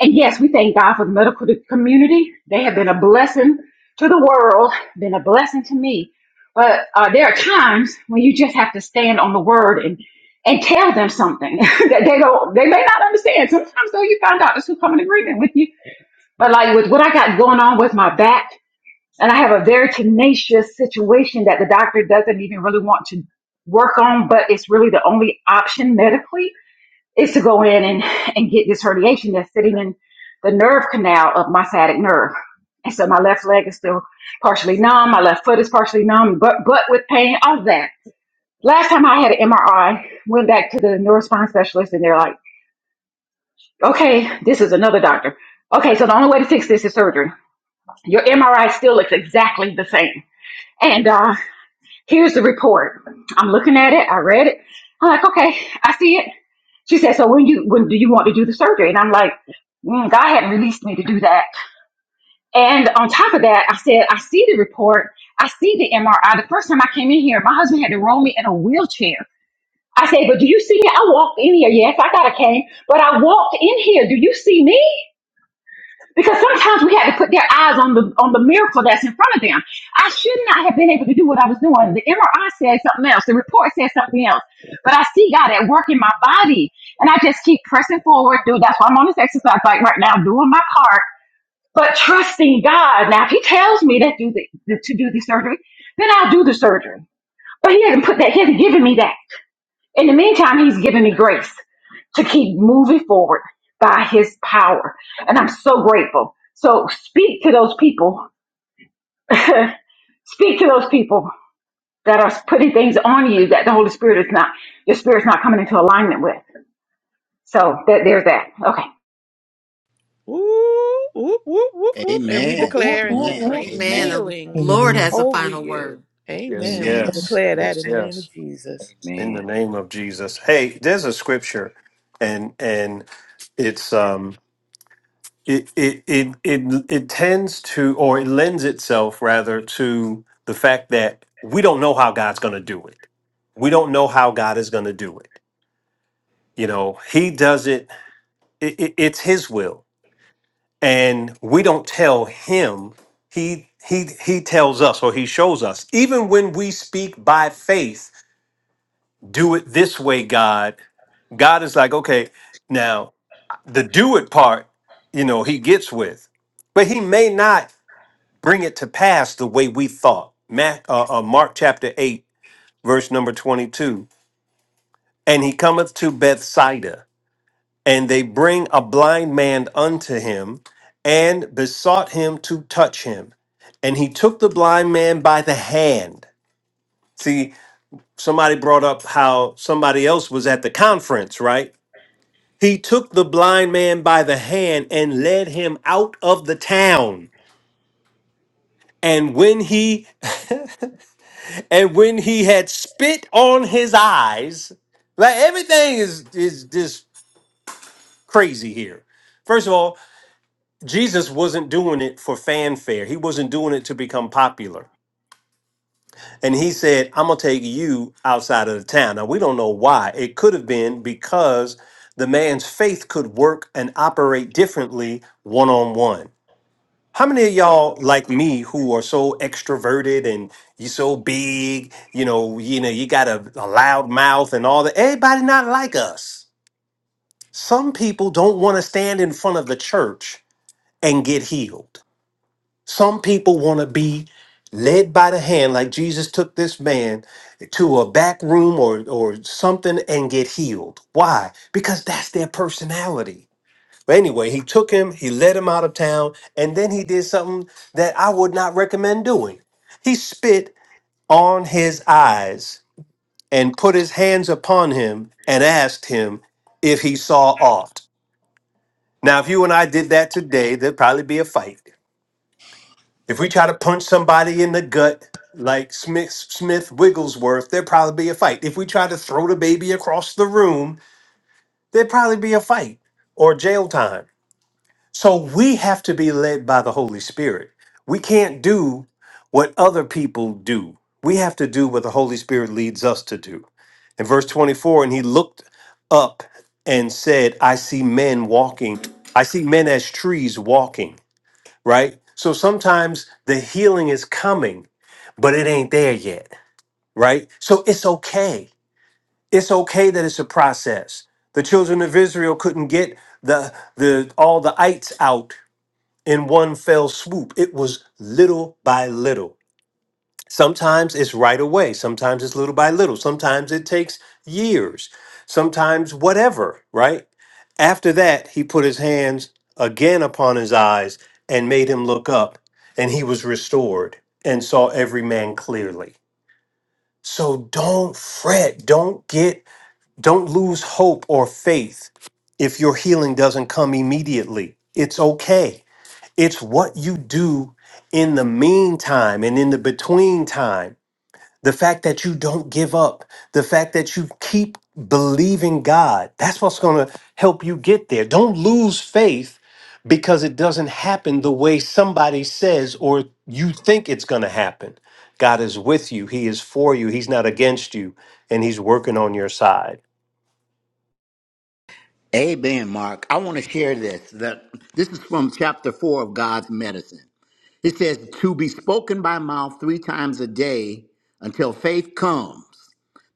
H: And yes, we thank God for the medical community. They have been a blessing to the world, been a blessing to me. But uh, there are times when you just have to stand on the word and and tell them something that they don't they may not understand. Sometimes though you find out this who come in agreement with you. But like with what I got going on with my back, and I have a very tenacious situation that the doctor doesn't even really want to work on, but it's really the only option medically is to go in and, and get this herniation that's sitting in the nerve canal of my sciatic nerve. And so my left leg is still partially numb, my left foot is partially numb, but but with pain, all of that. Last time I had an MRI, went back to the neurospine specialist and they're like, okay, this is another doctor. Okay, so the only way to fix this is surgery. Your MRI still looks exactly the same. And. uh, Here's the report. I'm looking at it. I read it. I'm like, okay, I see it. She said, so when you when do you want to do the surgery? And I'm like, mm, God hadn't released me to do that. And on top of that, I said, I see the report. I see the MRI. The first time I came in here, my husband had to roll me in a wheelchair. I said, but do you see me? I walked in here. Yes, I got a cane, but I walked in here. Do you see me? because sometimes we had to put their eyes on the on the miracle that's in front of them. I should not have been able to do what I was doing. The MRI said something else. The report said something else. But I see God at work in my body, and I just keep pressing forward. Dude, that's why I'm on this exercise bike right now, doing my part, but trusting God. Now, if He tells me that do the, to do the surgery, then I'll do the surgery. But He hasn't put that. He hasn't given me that. In the meantime, he's given me grace to keep moving forward by his power. And I'm so grateful. So speak to those people, speak to those people that are putting things on you that the Holy Spirit is not, your spirit's not coming into alignment with. So that, there's that. Okay.
G: Whoop, whoop, whoop, whoop, whoop. And we
B: Amen.
G: declare and
B: Amen.
G: decree
A: Amen.
B: Amen.
A: The
G: healing
A: Lord
F: you.
A: has the
G: over
A: final
G: you.
A: word. Yes,
G: Amen. We
B: Amen.
A: yes,
G: declare that
A: yes,
G: in the name
A: yes.
G: of Jesus.
A: In
B: Amen.
A: the name of Jesus. Hey, there's a scripture, and and it's um it it it it, it tends to or it lends itself rather to the fact that we don't know how God's going to do it. We don't know how God is going to do it. You know, He does it. it, it it's His will. and we don't tell him he he he tells us or he shows us even when we speak by faith do it this way god god is like okay now the do it part you know he gets with but he may not bring it to pass the way we thought Ma- uh, uh, mark chapter 8 verse number 22 and he cometh to bethsaida And they bring a blind man unto him and besought him to touch him. And he took the blind man by the hand. See, somebody brought up how somebody else was at the conference, right? He took the blind man by the hand and led him out of the town. And when he and when he had spit on his eyes, like everything is is just crazy here. First of all, Jesus wasn't doing it for fanfare. He wasn't doing it to become popular. And he said, I'm going to take you outside of the town. Now, we don't know why. It could have been because the man's faith could work and operate differently one on one. How many of y'all like me who are so extroverted and you so big, you know, you know, you got a, a loud mouth and all that. Everybody not like us. Some people don't want to stand in front of the church and get healed. Some people want to be led by the hand, like Jesus took this man to a back room or, or something and get healed. Why? Because that's their personality. But anyway, he took him, he led him out of town, and then he did something that I would not recommend doing. He spit on his eyes and put his hands upon him and asked him if he saw aught. Now, if you and I did that today, there'd probably be a fight. If we try to punch somebody in the gut like Smith Smith Wigglesworth, there'd probably be a fight. If we try to throw the baby across the room, there'd probably be a fight or jail time. So we have to be led by the Holy Spirit. We can't do what other people do. We have to do what the Holy Spirit leads us to do. In verse 24, and he looked up and said, I see men walking. I see men as trees walking right? So sometimes the healing is coming, but it ain't there yet, right? So it's okay. It's okay that it's a process. The children of Israel couldn't get the the all the ites out in one fell swoop. It was little by little. Sometimes it's right away. Sometimes it's little by little. Sometimes it takes years. Sometimes whatever, right? After that, he put his hands again upon his eyes and made him look up, and he was restored and saw every man clearly. So don't fret, don't get don't lose hope or faith if your healing doesn't come immediately. It's okay. It's what you do in the meantime and in the between time the fact that you don't give up, the fact that you keep believing God, that's what's going to help you get there. Don't lose faith because it doesn't happen the way somebody says or you think it's going to happen. God is with you, He is for you, He's not against you, and He's working on your side.
B: Amen, Mark. I want to share this. That this is from chapter four of God's medicine. It says, "To be spoken by mouth three times a day until faith comes.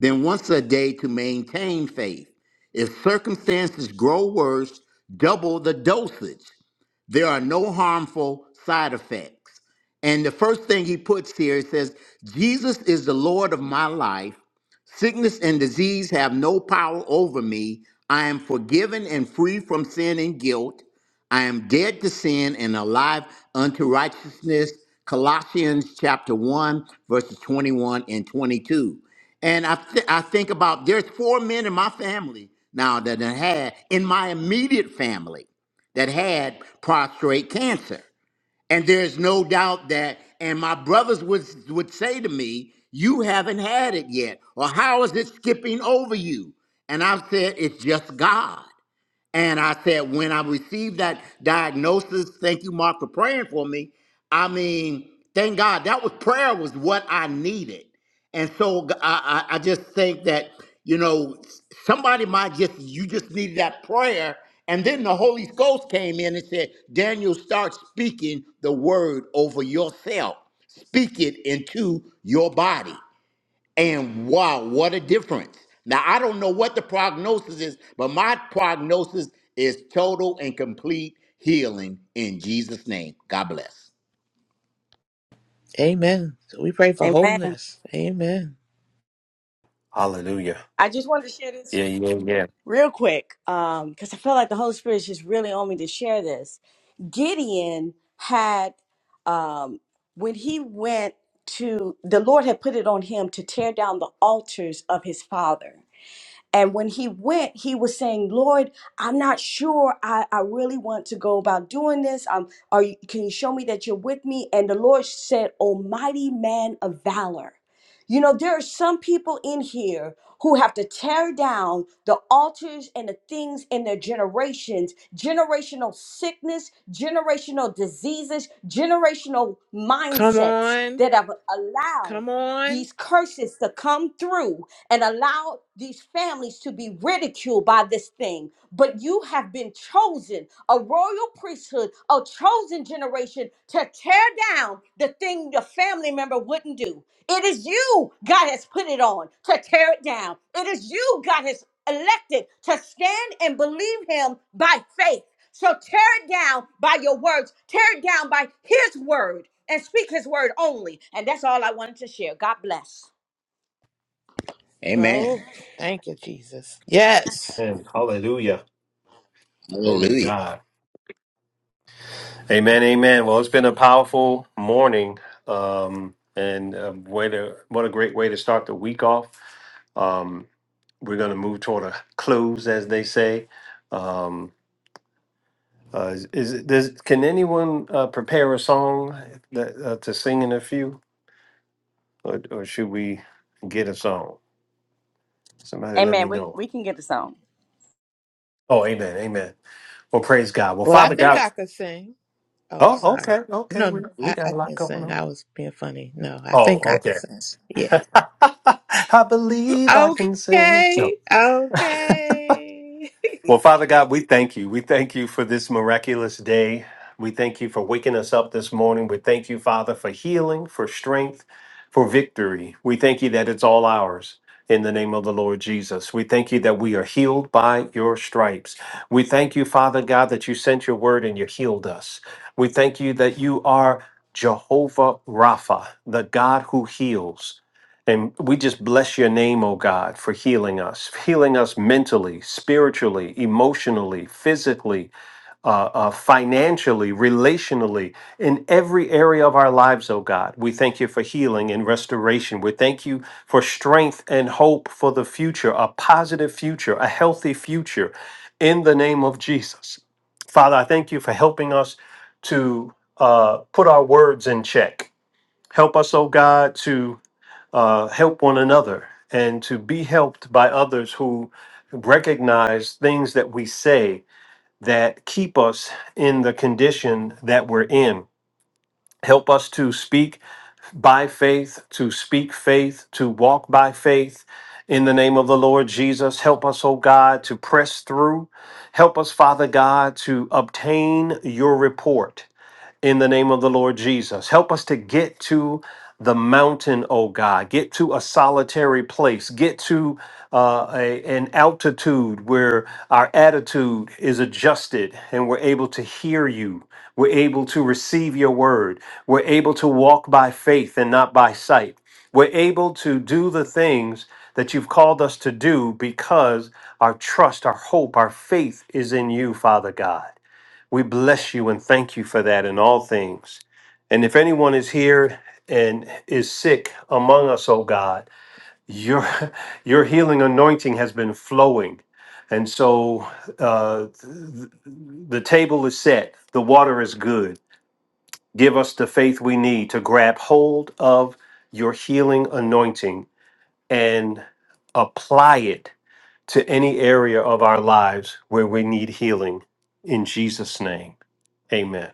B: Then once a day to maintain faith. If circumstances grow worse, double the dosage. There are no harmful side effects." And the first thing he puts here it says, "Jesus is the Lord of my life. Sickness and disease have no power over me. I am forgiven and free from sin and guilt. I am dead to sin and alive unto righteousness. Colossians chapter 1, verses 21 and 22. And I, th- I think about there's four men in my family now that I had in my immediate family that had prostrate cancer. And there's no doubt that, and my brothers would, would say to me, You haven't had it yet. Or how is it skipping over you? And I have said, It's just God. And I said, when I received that diagnosis, thank you, Mark, for praying for me. I mean, thank God that was prayer was what I needed. And so g- I, I- I just think that, you know, s- somebody might just, you just needed that prayer. And then the Holy Ghost came in and said, Daniel, start speaking the word over yourself. Speak it into your body. And wow, what a difference. Now, I don't know what the prognosis is, but my prognosis is total and complete healing in Jesus' name. God bless.
G: Amen. So we pray for
D: Amen.
G: wholeness. Amen.
A: Hallelujah.
D: I just wanted to share this real quick because I feel like the Holy Spirit is just really on me to share this. Gideon had, um, when he went to, the Lord had put it on him to tear down the altars of his father. And when he went, he was saying, Lord, I'm not sure I, I really want to go about doing this. Um, are you, can you show me that you're with me? And the Lord said, "O mighty man of valor. You know, there are some people in here who have to tear down the altars and the things in their generations generational sickness, generational diseases, generational
G: Come
D: mindsets
G: on.
D: that have allowed
G: Come on,
D: these curses to come through and allow these families to be ridiculed by this thing. But you have been chosen, a royal priesthood, a chosen generation to tear down the thing your family member wouldn't do. It is you God has put it on to tear it down. It is you God has elected to stand and believe Him by faith. So tear it down by your words, tear it down by His word, and speak His word only. And that's all I wanted to share. God bless.
B: Amen.
G: bro. Thank you, Jesus. Yes.
A: And hallelujah. Glory to
B: Hallelujah.
A: God. Amen, amen. Well, it's been a powerful morning, um, and um, way to, what a great way to start the week off. Um, we're going to move toward a close, as they say. Um, uh, is, is does, can anyone uh, prepare a song that, uh, to sing in a few, or, or should we get a song? Somebody let
D: Amen.
A: me
D: We,
A: know.
D: we can get the song.
A: Oh, amen, amen. Well, praise God. Well,
G: Well, I
A: Father
G: think I
A: God.
G: could sing. Oh,
A: Oh,
G: sorry.
A: okay, okay.
G: No,
A: We,
G: no,
A: we
G: I, I
A: got a lot
G: can't
A: going
G: sing.
A: on.
G: I was being funny. No, I think
A: Oh,
G: I
A: okay.
G: could sing. Yeah.
A: I believe I can sing. No.
G: Okay. Okay.
A: Well, Father God, we thank you. We thank you for this miraculous day. We thank you for waking us up this morning. We thank you, Father, for healing, for strength, for victory. We thank you that it's all ours. In the name of the Lord Jesus, we thank you that we are healed by your stripes. We thank you, Father God, that you sent your word and you healed us. We thank you that you are Jehovah Rapha, the God who heals. And we just bless your name, oh God, for healing us, healing us mentally, spiritually, emotionally, physically, uh, uh, financially, relationally, in every area of our lives, oh God. We thank you for healing and restoration. We thank you for strength and hope for the future, a positive future, a healthy future, in the name of Jesus. Father, I thank you for helping us to uh, put our words in check. Help us, oh God, to uh, help one another and to be helped by others who recognize things that we say that keep us in the condition that we're in. Help us to speak by faith, to speak faith, to walk by faith. In the name of the Lord Jesus, help us, O God, to press through. Help us, Father God, to obtain your report in the name of the Lord Jesus. Help us to get to the mountain, oh God. Get to a solitary place. Get to uh, a, an altitude where our attitude is adjusted and we're able to hear you. We're able to receive your word. We're able to walk by faith and not by sight. We're able to do the things that you've called us to do because our trust, our hope, our faith is in you, Father God. We bless you and thank you for that in all things. And if anyone is here and is sick among us, oh God, your your healing anointing has been flowing. And so uh, th- the table is set, the water is good. Give us the faith we need to grab hold of your healing anointing and apply it to any area of our lives where we need healing. In Jesus' name, amen.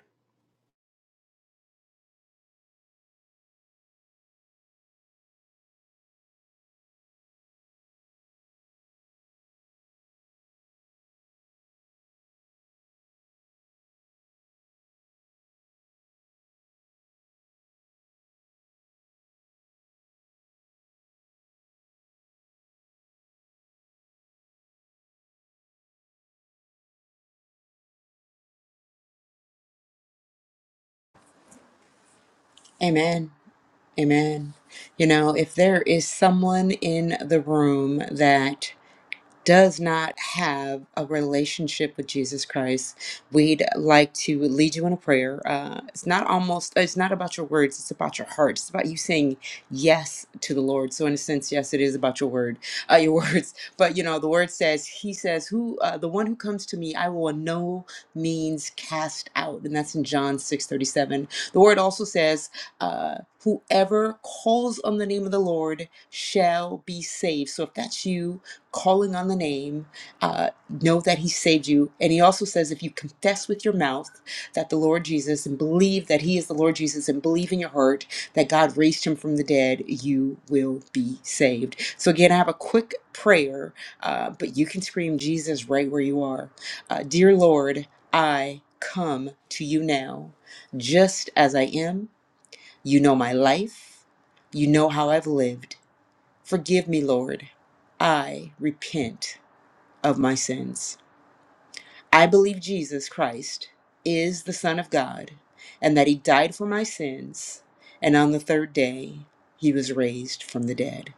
E: Amen. Amen. You know, if there is someone in the room that does not have a relationship with Jesus Christ, we'd like to lead you in a prayer. Uh, it's not almost, it's not about your words, it's about your heart. It's about you saying yes to the Lord. So, in a sense, yes, it is about your word, uh, your words. But you know, the word says, He says, "Who uh, the one who comes to me, I will in no means cast out," and that's in John six thirty seven. The word also says, uh, "Whoever calls on the name of the Lord shall be saved." So, if that's you calling on the name, uh, know that He saved you. And He also says, if you confess with your mouth that the Lord Jesus and believe that He is the Lord Jesus and believe in your heart that God raised Him from the dead, you will be saved. So, again, I have a quick prayer, uh, but you can scream Jesus right where you are. Uh, Dear Lord, I come to you now, just as I am. You know my life, you know how I've lived. Forgive me, Lord. I repent of my sins. I believe Jesus Christ is the Son of God and that He died for my sins, and on the third day He was raised from the dead.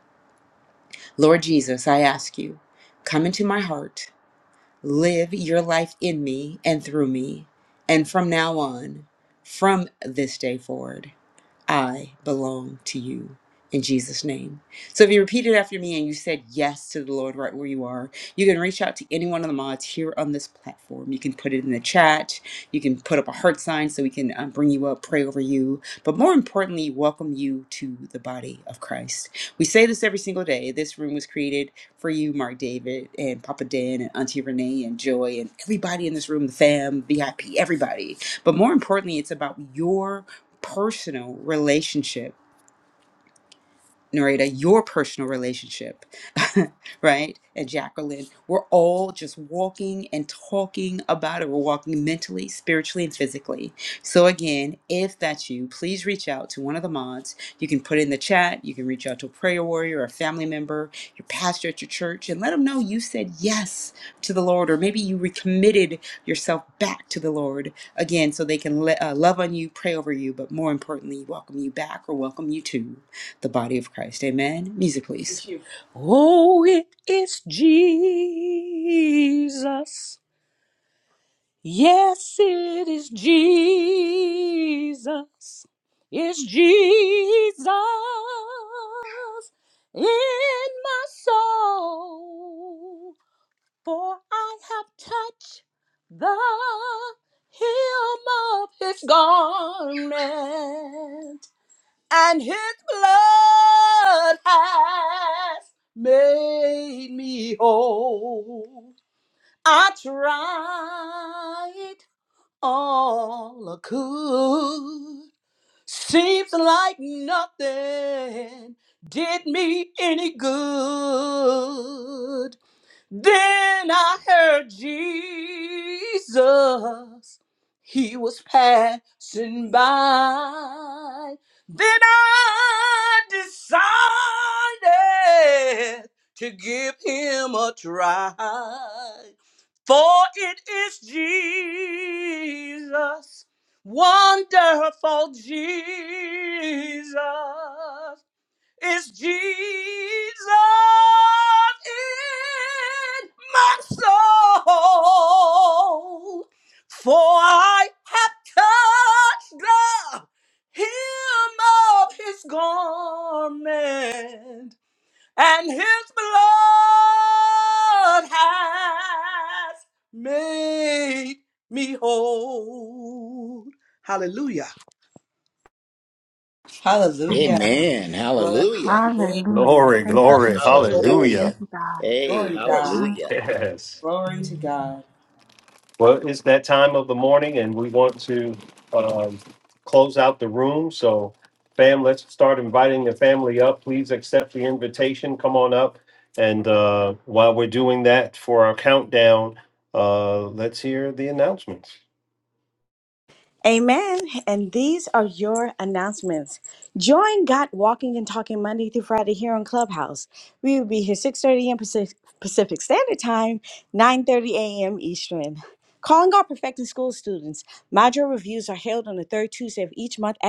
E: Lord Jesus, I ask you, come into my heart, live your life in me and through me, and from now on, from this day forward. I belong to you in Jesus' name. So if you repeat it after me and you said yes to the Lord right where you are, you can reach out to any one of the mods here on this platform. You can put it in the chat. You can put up a heart sign so we can um, bring you up, pray over you. But more importantly, welcome you to the body of Christ. We say this every single day. This room was created for you, Mark David, and Papa Dan, and Auntie Renee, and Joy, and everybody in this room, the fam, VIP, everybody. But more importantly, it's about your personal relationship, Narita, your personal relationship, right? And Jacqueline, we're all just walking and talking about it. We're walking mentally, spiritually, and physically. So, again, if that's you, please reach out to one of the mods. You can put it in the chat, you can reach out to a prayer warrior or a family member your pastor at your church and let them know you said yes to the Lord, or maybe you recommitted yourself back to the Lord again so they can le- uh, love on you, pray over you, but more importantly, welcome you back or welcome you to the body of Christ. Amen. Music, please.
D: you. Oh, it is Jesus. Yes, it is Jesus. It's Jesus in my soul. For I have touched the hem of his garment and his blood has made me whole. I tried all I could. Seems like nothing did me any good. Then I heard Jesus. He was passing by. Then I decided to give him a try. For it is Jesus, wonderful Jesus. Is Jesus in my soul. For I have touched the hem of his garment, and his blood has made
E: Hallelujah.
B: Amen.
E: Glory
B: Hallelujah.
E: to
A: Glory, glory,
E: God.
A: hallelujah.
B: Hallelujah. Hey,
E: Glory to God.
B: hallelujah.
A: Yes.
E: Glory to God.
A: Well, it's that time of the morning and we want to um, close out the room. So, fam, let's start inviting the family up. Please accept the invitation. Come on up. And uh, while we're doing that for our countdown, uh, let's hear the announcements.
D: Amen. And these are your announcements. Join God Walking and Talking Monday through Friday here on Clubhouse. We will be here 6.30 a.m. Pacific Pacific Standard Time, 9.30 a.m. Eastern. Calling all Perfecting School students. Module reviews are held on the third Tuesday of each month at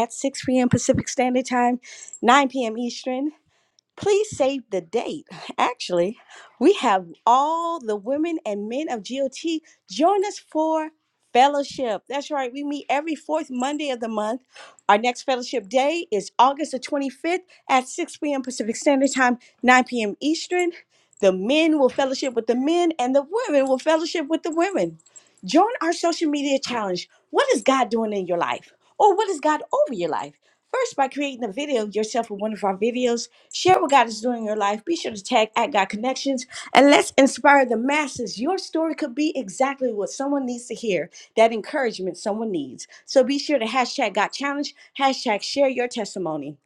D: Standard Time, 9 p.m. Eastern. Please save the date. Actually, we have all the women and men of GOT join us for fellowship. That's right. We meet every fourth Monday of the month. Our next fellowship day is August the 25th at 6 p.m. Pacific Standard Time, 9 p.m. Eastern. The men will fellowship with the men, and the women will fellowship with the women. Join our social media challenge. What is God doing in your life? Or what is God over your life? First, by creating a video of yourself with one of our videos Share what God is doing in your life. Be sure to tag at God Connections and let's inspire the masses. Your story could be exactly what someone needs to hear, that encouragement someone needs. So be sure to hashtag God Challenge, hashtag share your testimony.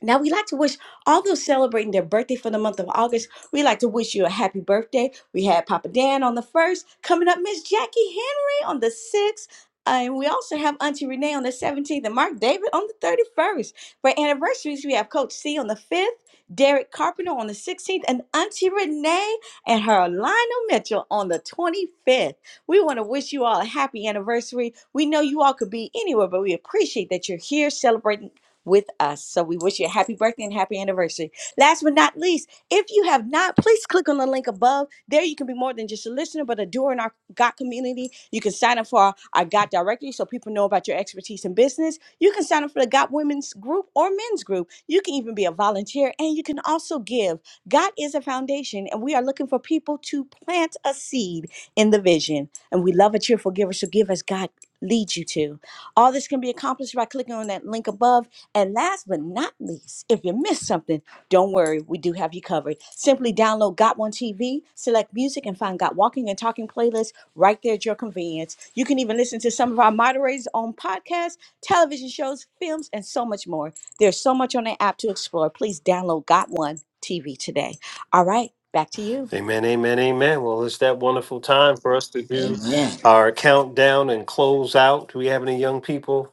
D: Now we like to wish all those celebrating their birthday for the month of August. We like to wish you a happy birthday. We had Papa Dan on the first, coming up Miss Jackie Henry on the sixth. Uh, and we also have Auntie Renee on the 17th and Mark David on the 31st. For anniversaries, we have Coach C on the 5th, Derek Carpenter on the 16th, and Auntie Renee and her Lionel Mitchell on the 25th. We want to wish you all a happy anniversary. We know you all could be anywhere, but we appreciate that you're here celebrating with us. So we wish you a happy birthday and happy anniversary. Last but not least, if you have not, please click on the link above. There you can be more than just a listener, but a doer in our GOT community. You can sign up for our, our GOT directory so people know about your expertise in business. You can sign up for the GOT women's group or men's group. You can even be a volunteer and you can also give. Got is a foundation, and we are looking for people to plant a seed in the vision. And we love a cheerful giver, so give as God leads you to. All this can be accomplished by clicking on that link above and last but not least, if you missed something, don't worry, we do have you covered. Simply download Got One TV, select music, and find Got Walking and Talking playlist right there at your convenience. You can even listen to some of our moderators on podcasts, television shows, films, and so much more. There's so much on the app to explore. Please download Got One TV today. All right, back to you.
A: Amen, amen, amen. Well, it's that wonderful time for us to do
B: Amen.
A: our countdown and close out. Do we have any young people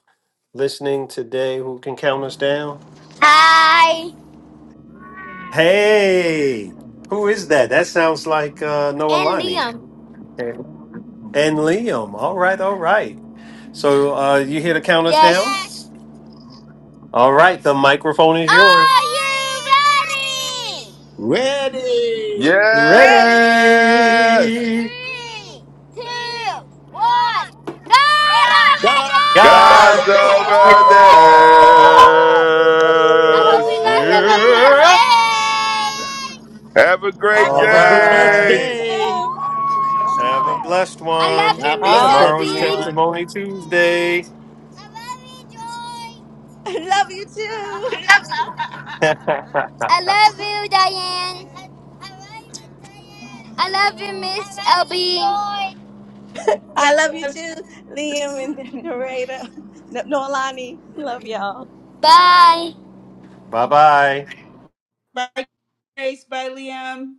A: listening today who can count us down?
K: Hi.
A: Hey, who is that? That sounds like uh, Noah
K: And Liam.
A: and, and Liam. All right, all right. So uh, you here to count us
K: Yes.
A: down?
K: yes.
A: All right, the microphone is yours.
K: Are you ready?
B: Ready.
D: Ready?
L: Yes!
A: Ready?
K: Three, two, one. God
B: God's over
K: Armageddon!
A: God.
L: God's
D: God's
B: this.
D: over
L: over
A: over
B: Woo!
D: this.
K: Woo!
D: Woo, woo,
K: I
D: woo, woo,
K: hope
L: this.
K: you guys have
D: woo, woo,
K: a
D: woo.
K: blessed
A: Yep.
K: day.
L: Have a great
A: All
B: Have a blessed
L: day.
A: right.
B: day.
A: Have a blessed
K: I
A: one.
K: love you,
B: God
K: Miss
B: bless
A: Tomorrow's
K: Alvin.
B: everyone.
A: Testimony Tuesday.
D: Love you too.
A: bye
K: I love you, Diane. I love you, Miss Alvin.
E: Love
D: I love you too, Liam and narrator. No, Nolani, love y'all.
K: Bye.
A: bye.
E: by grace by Liam.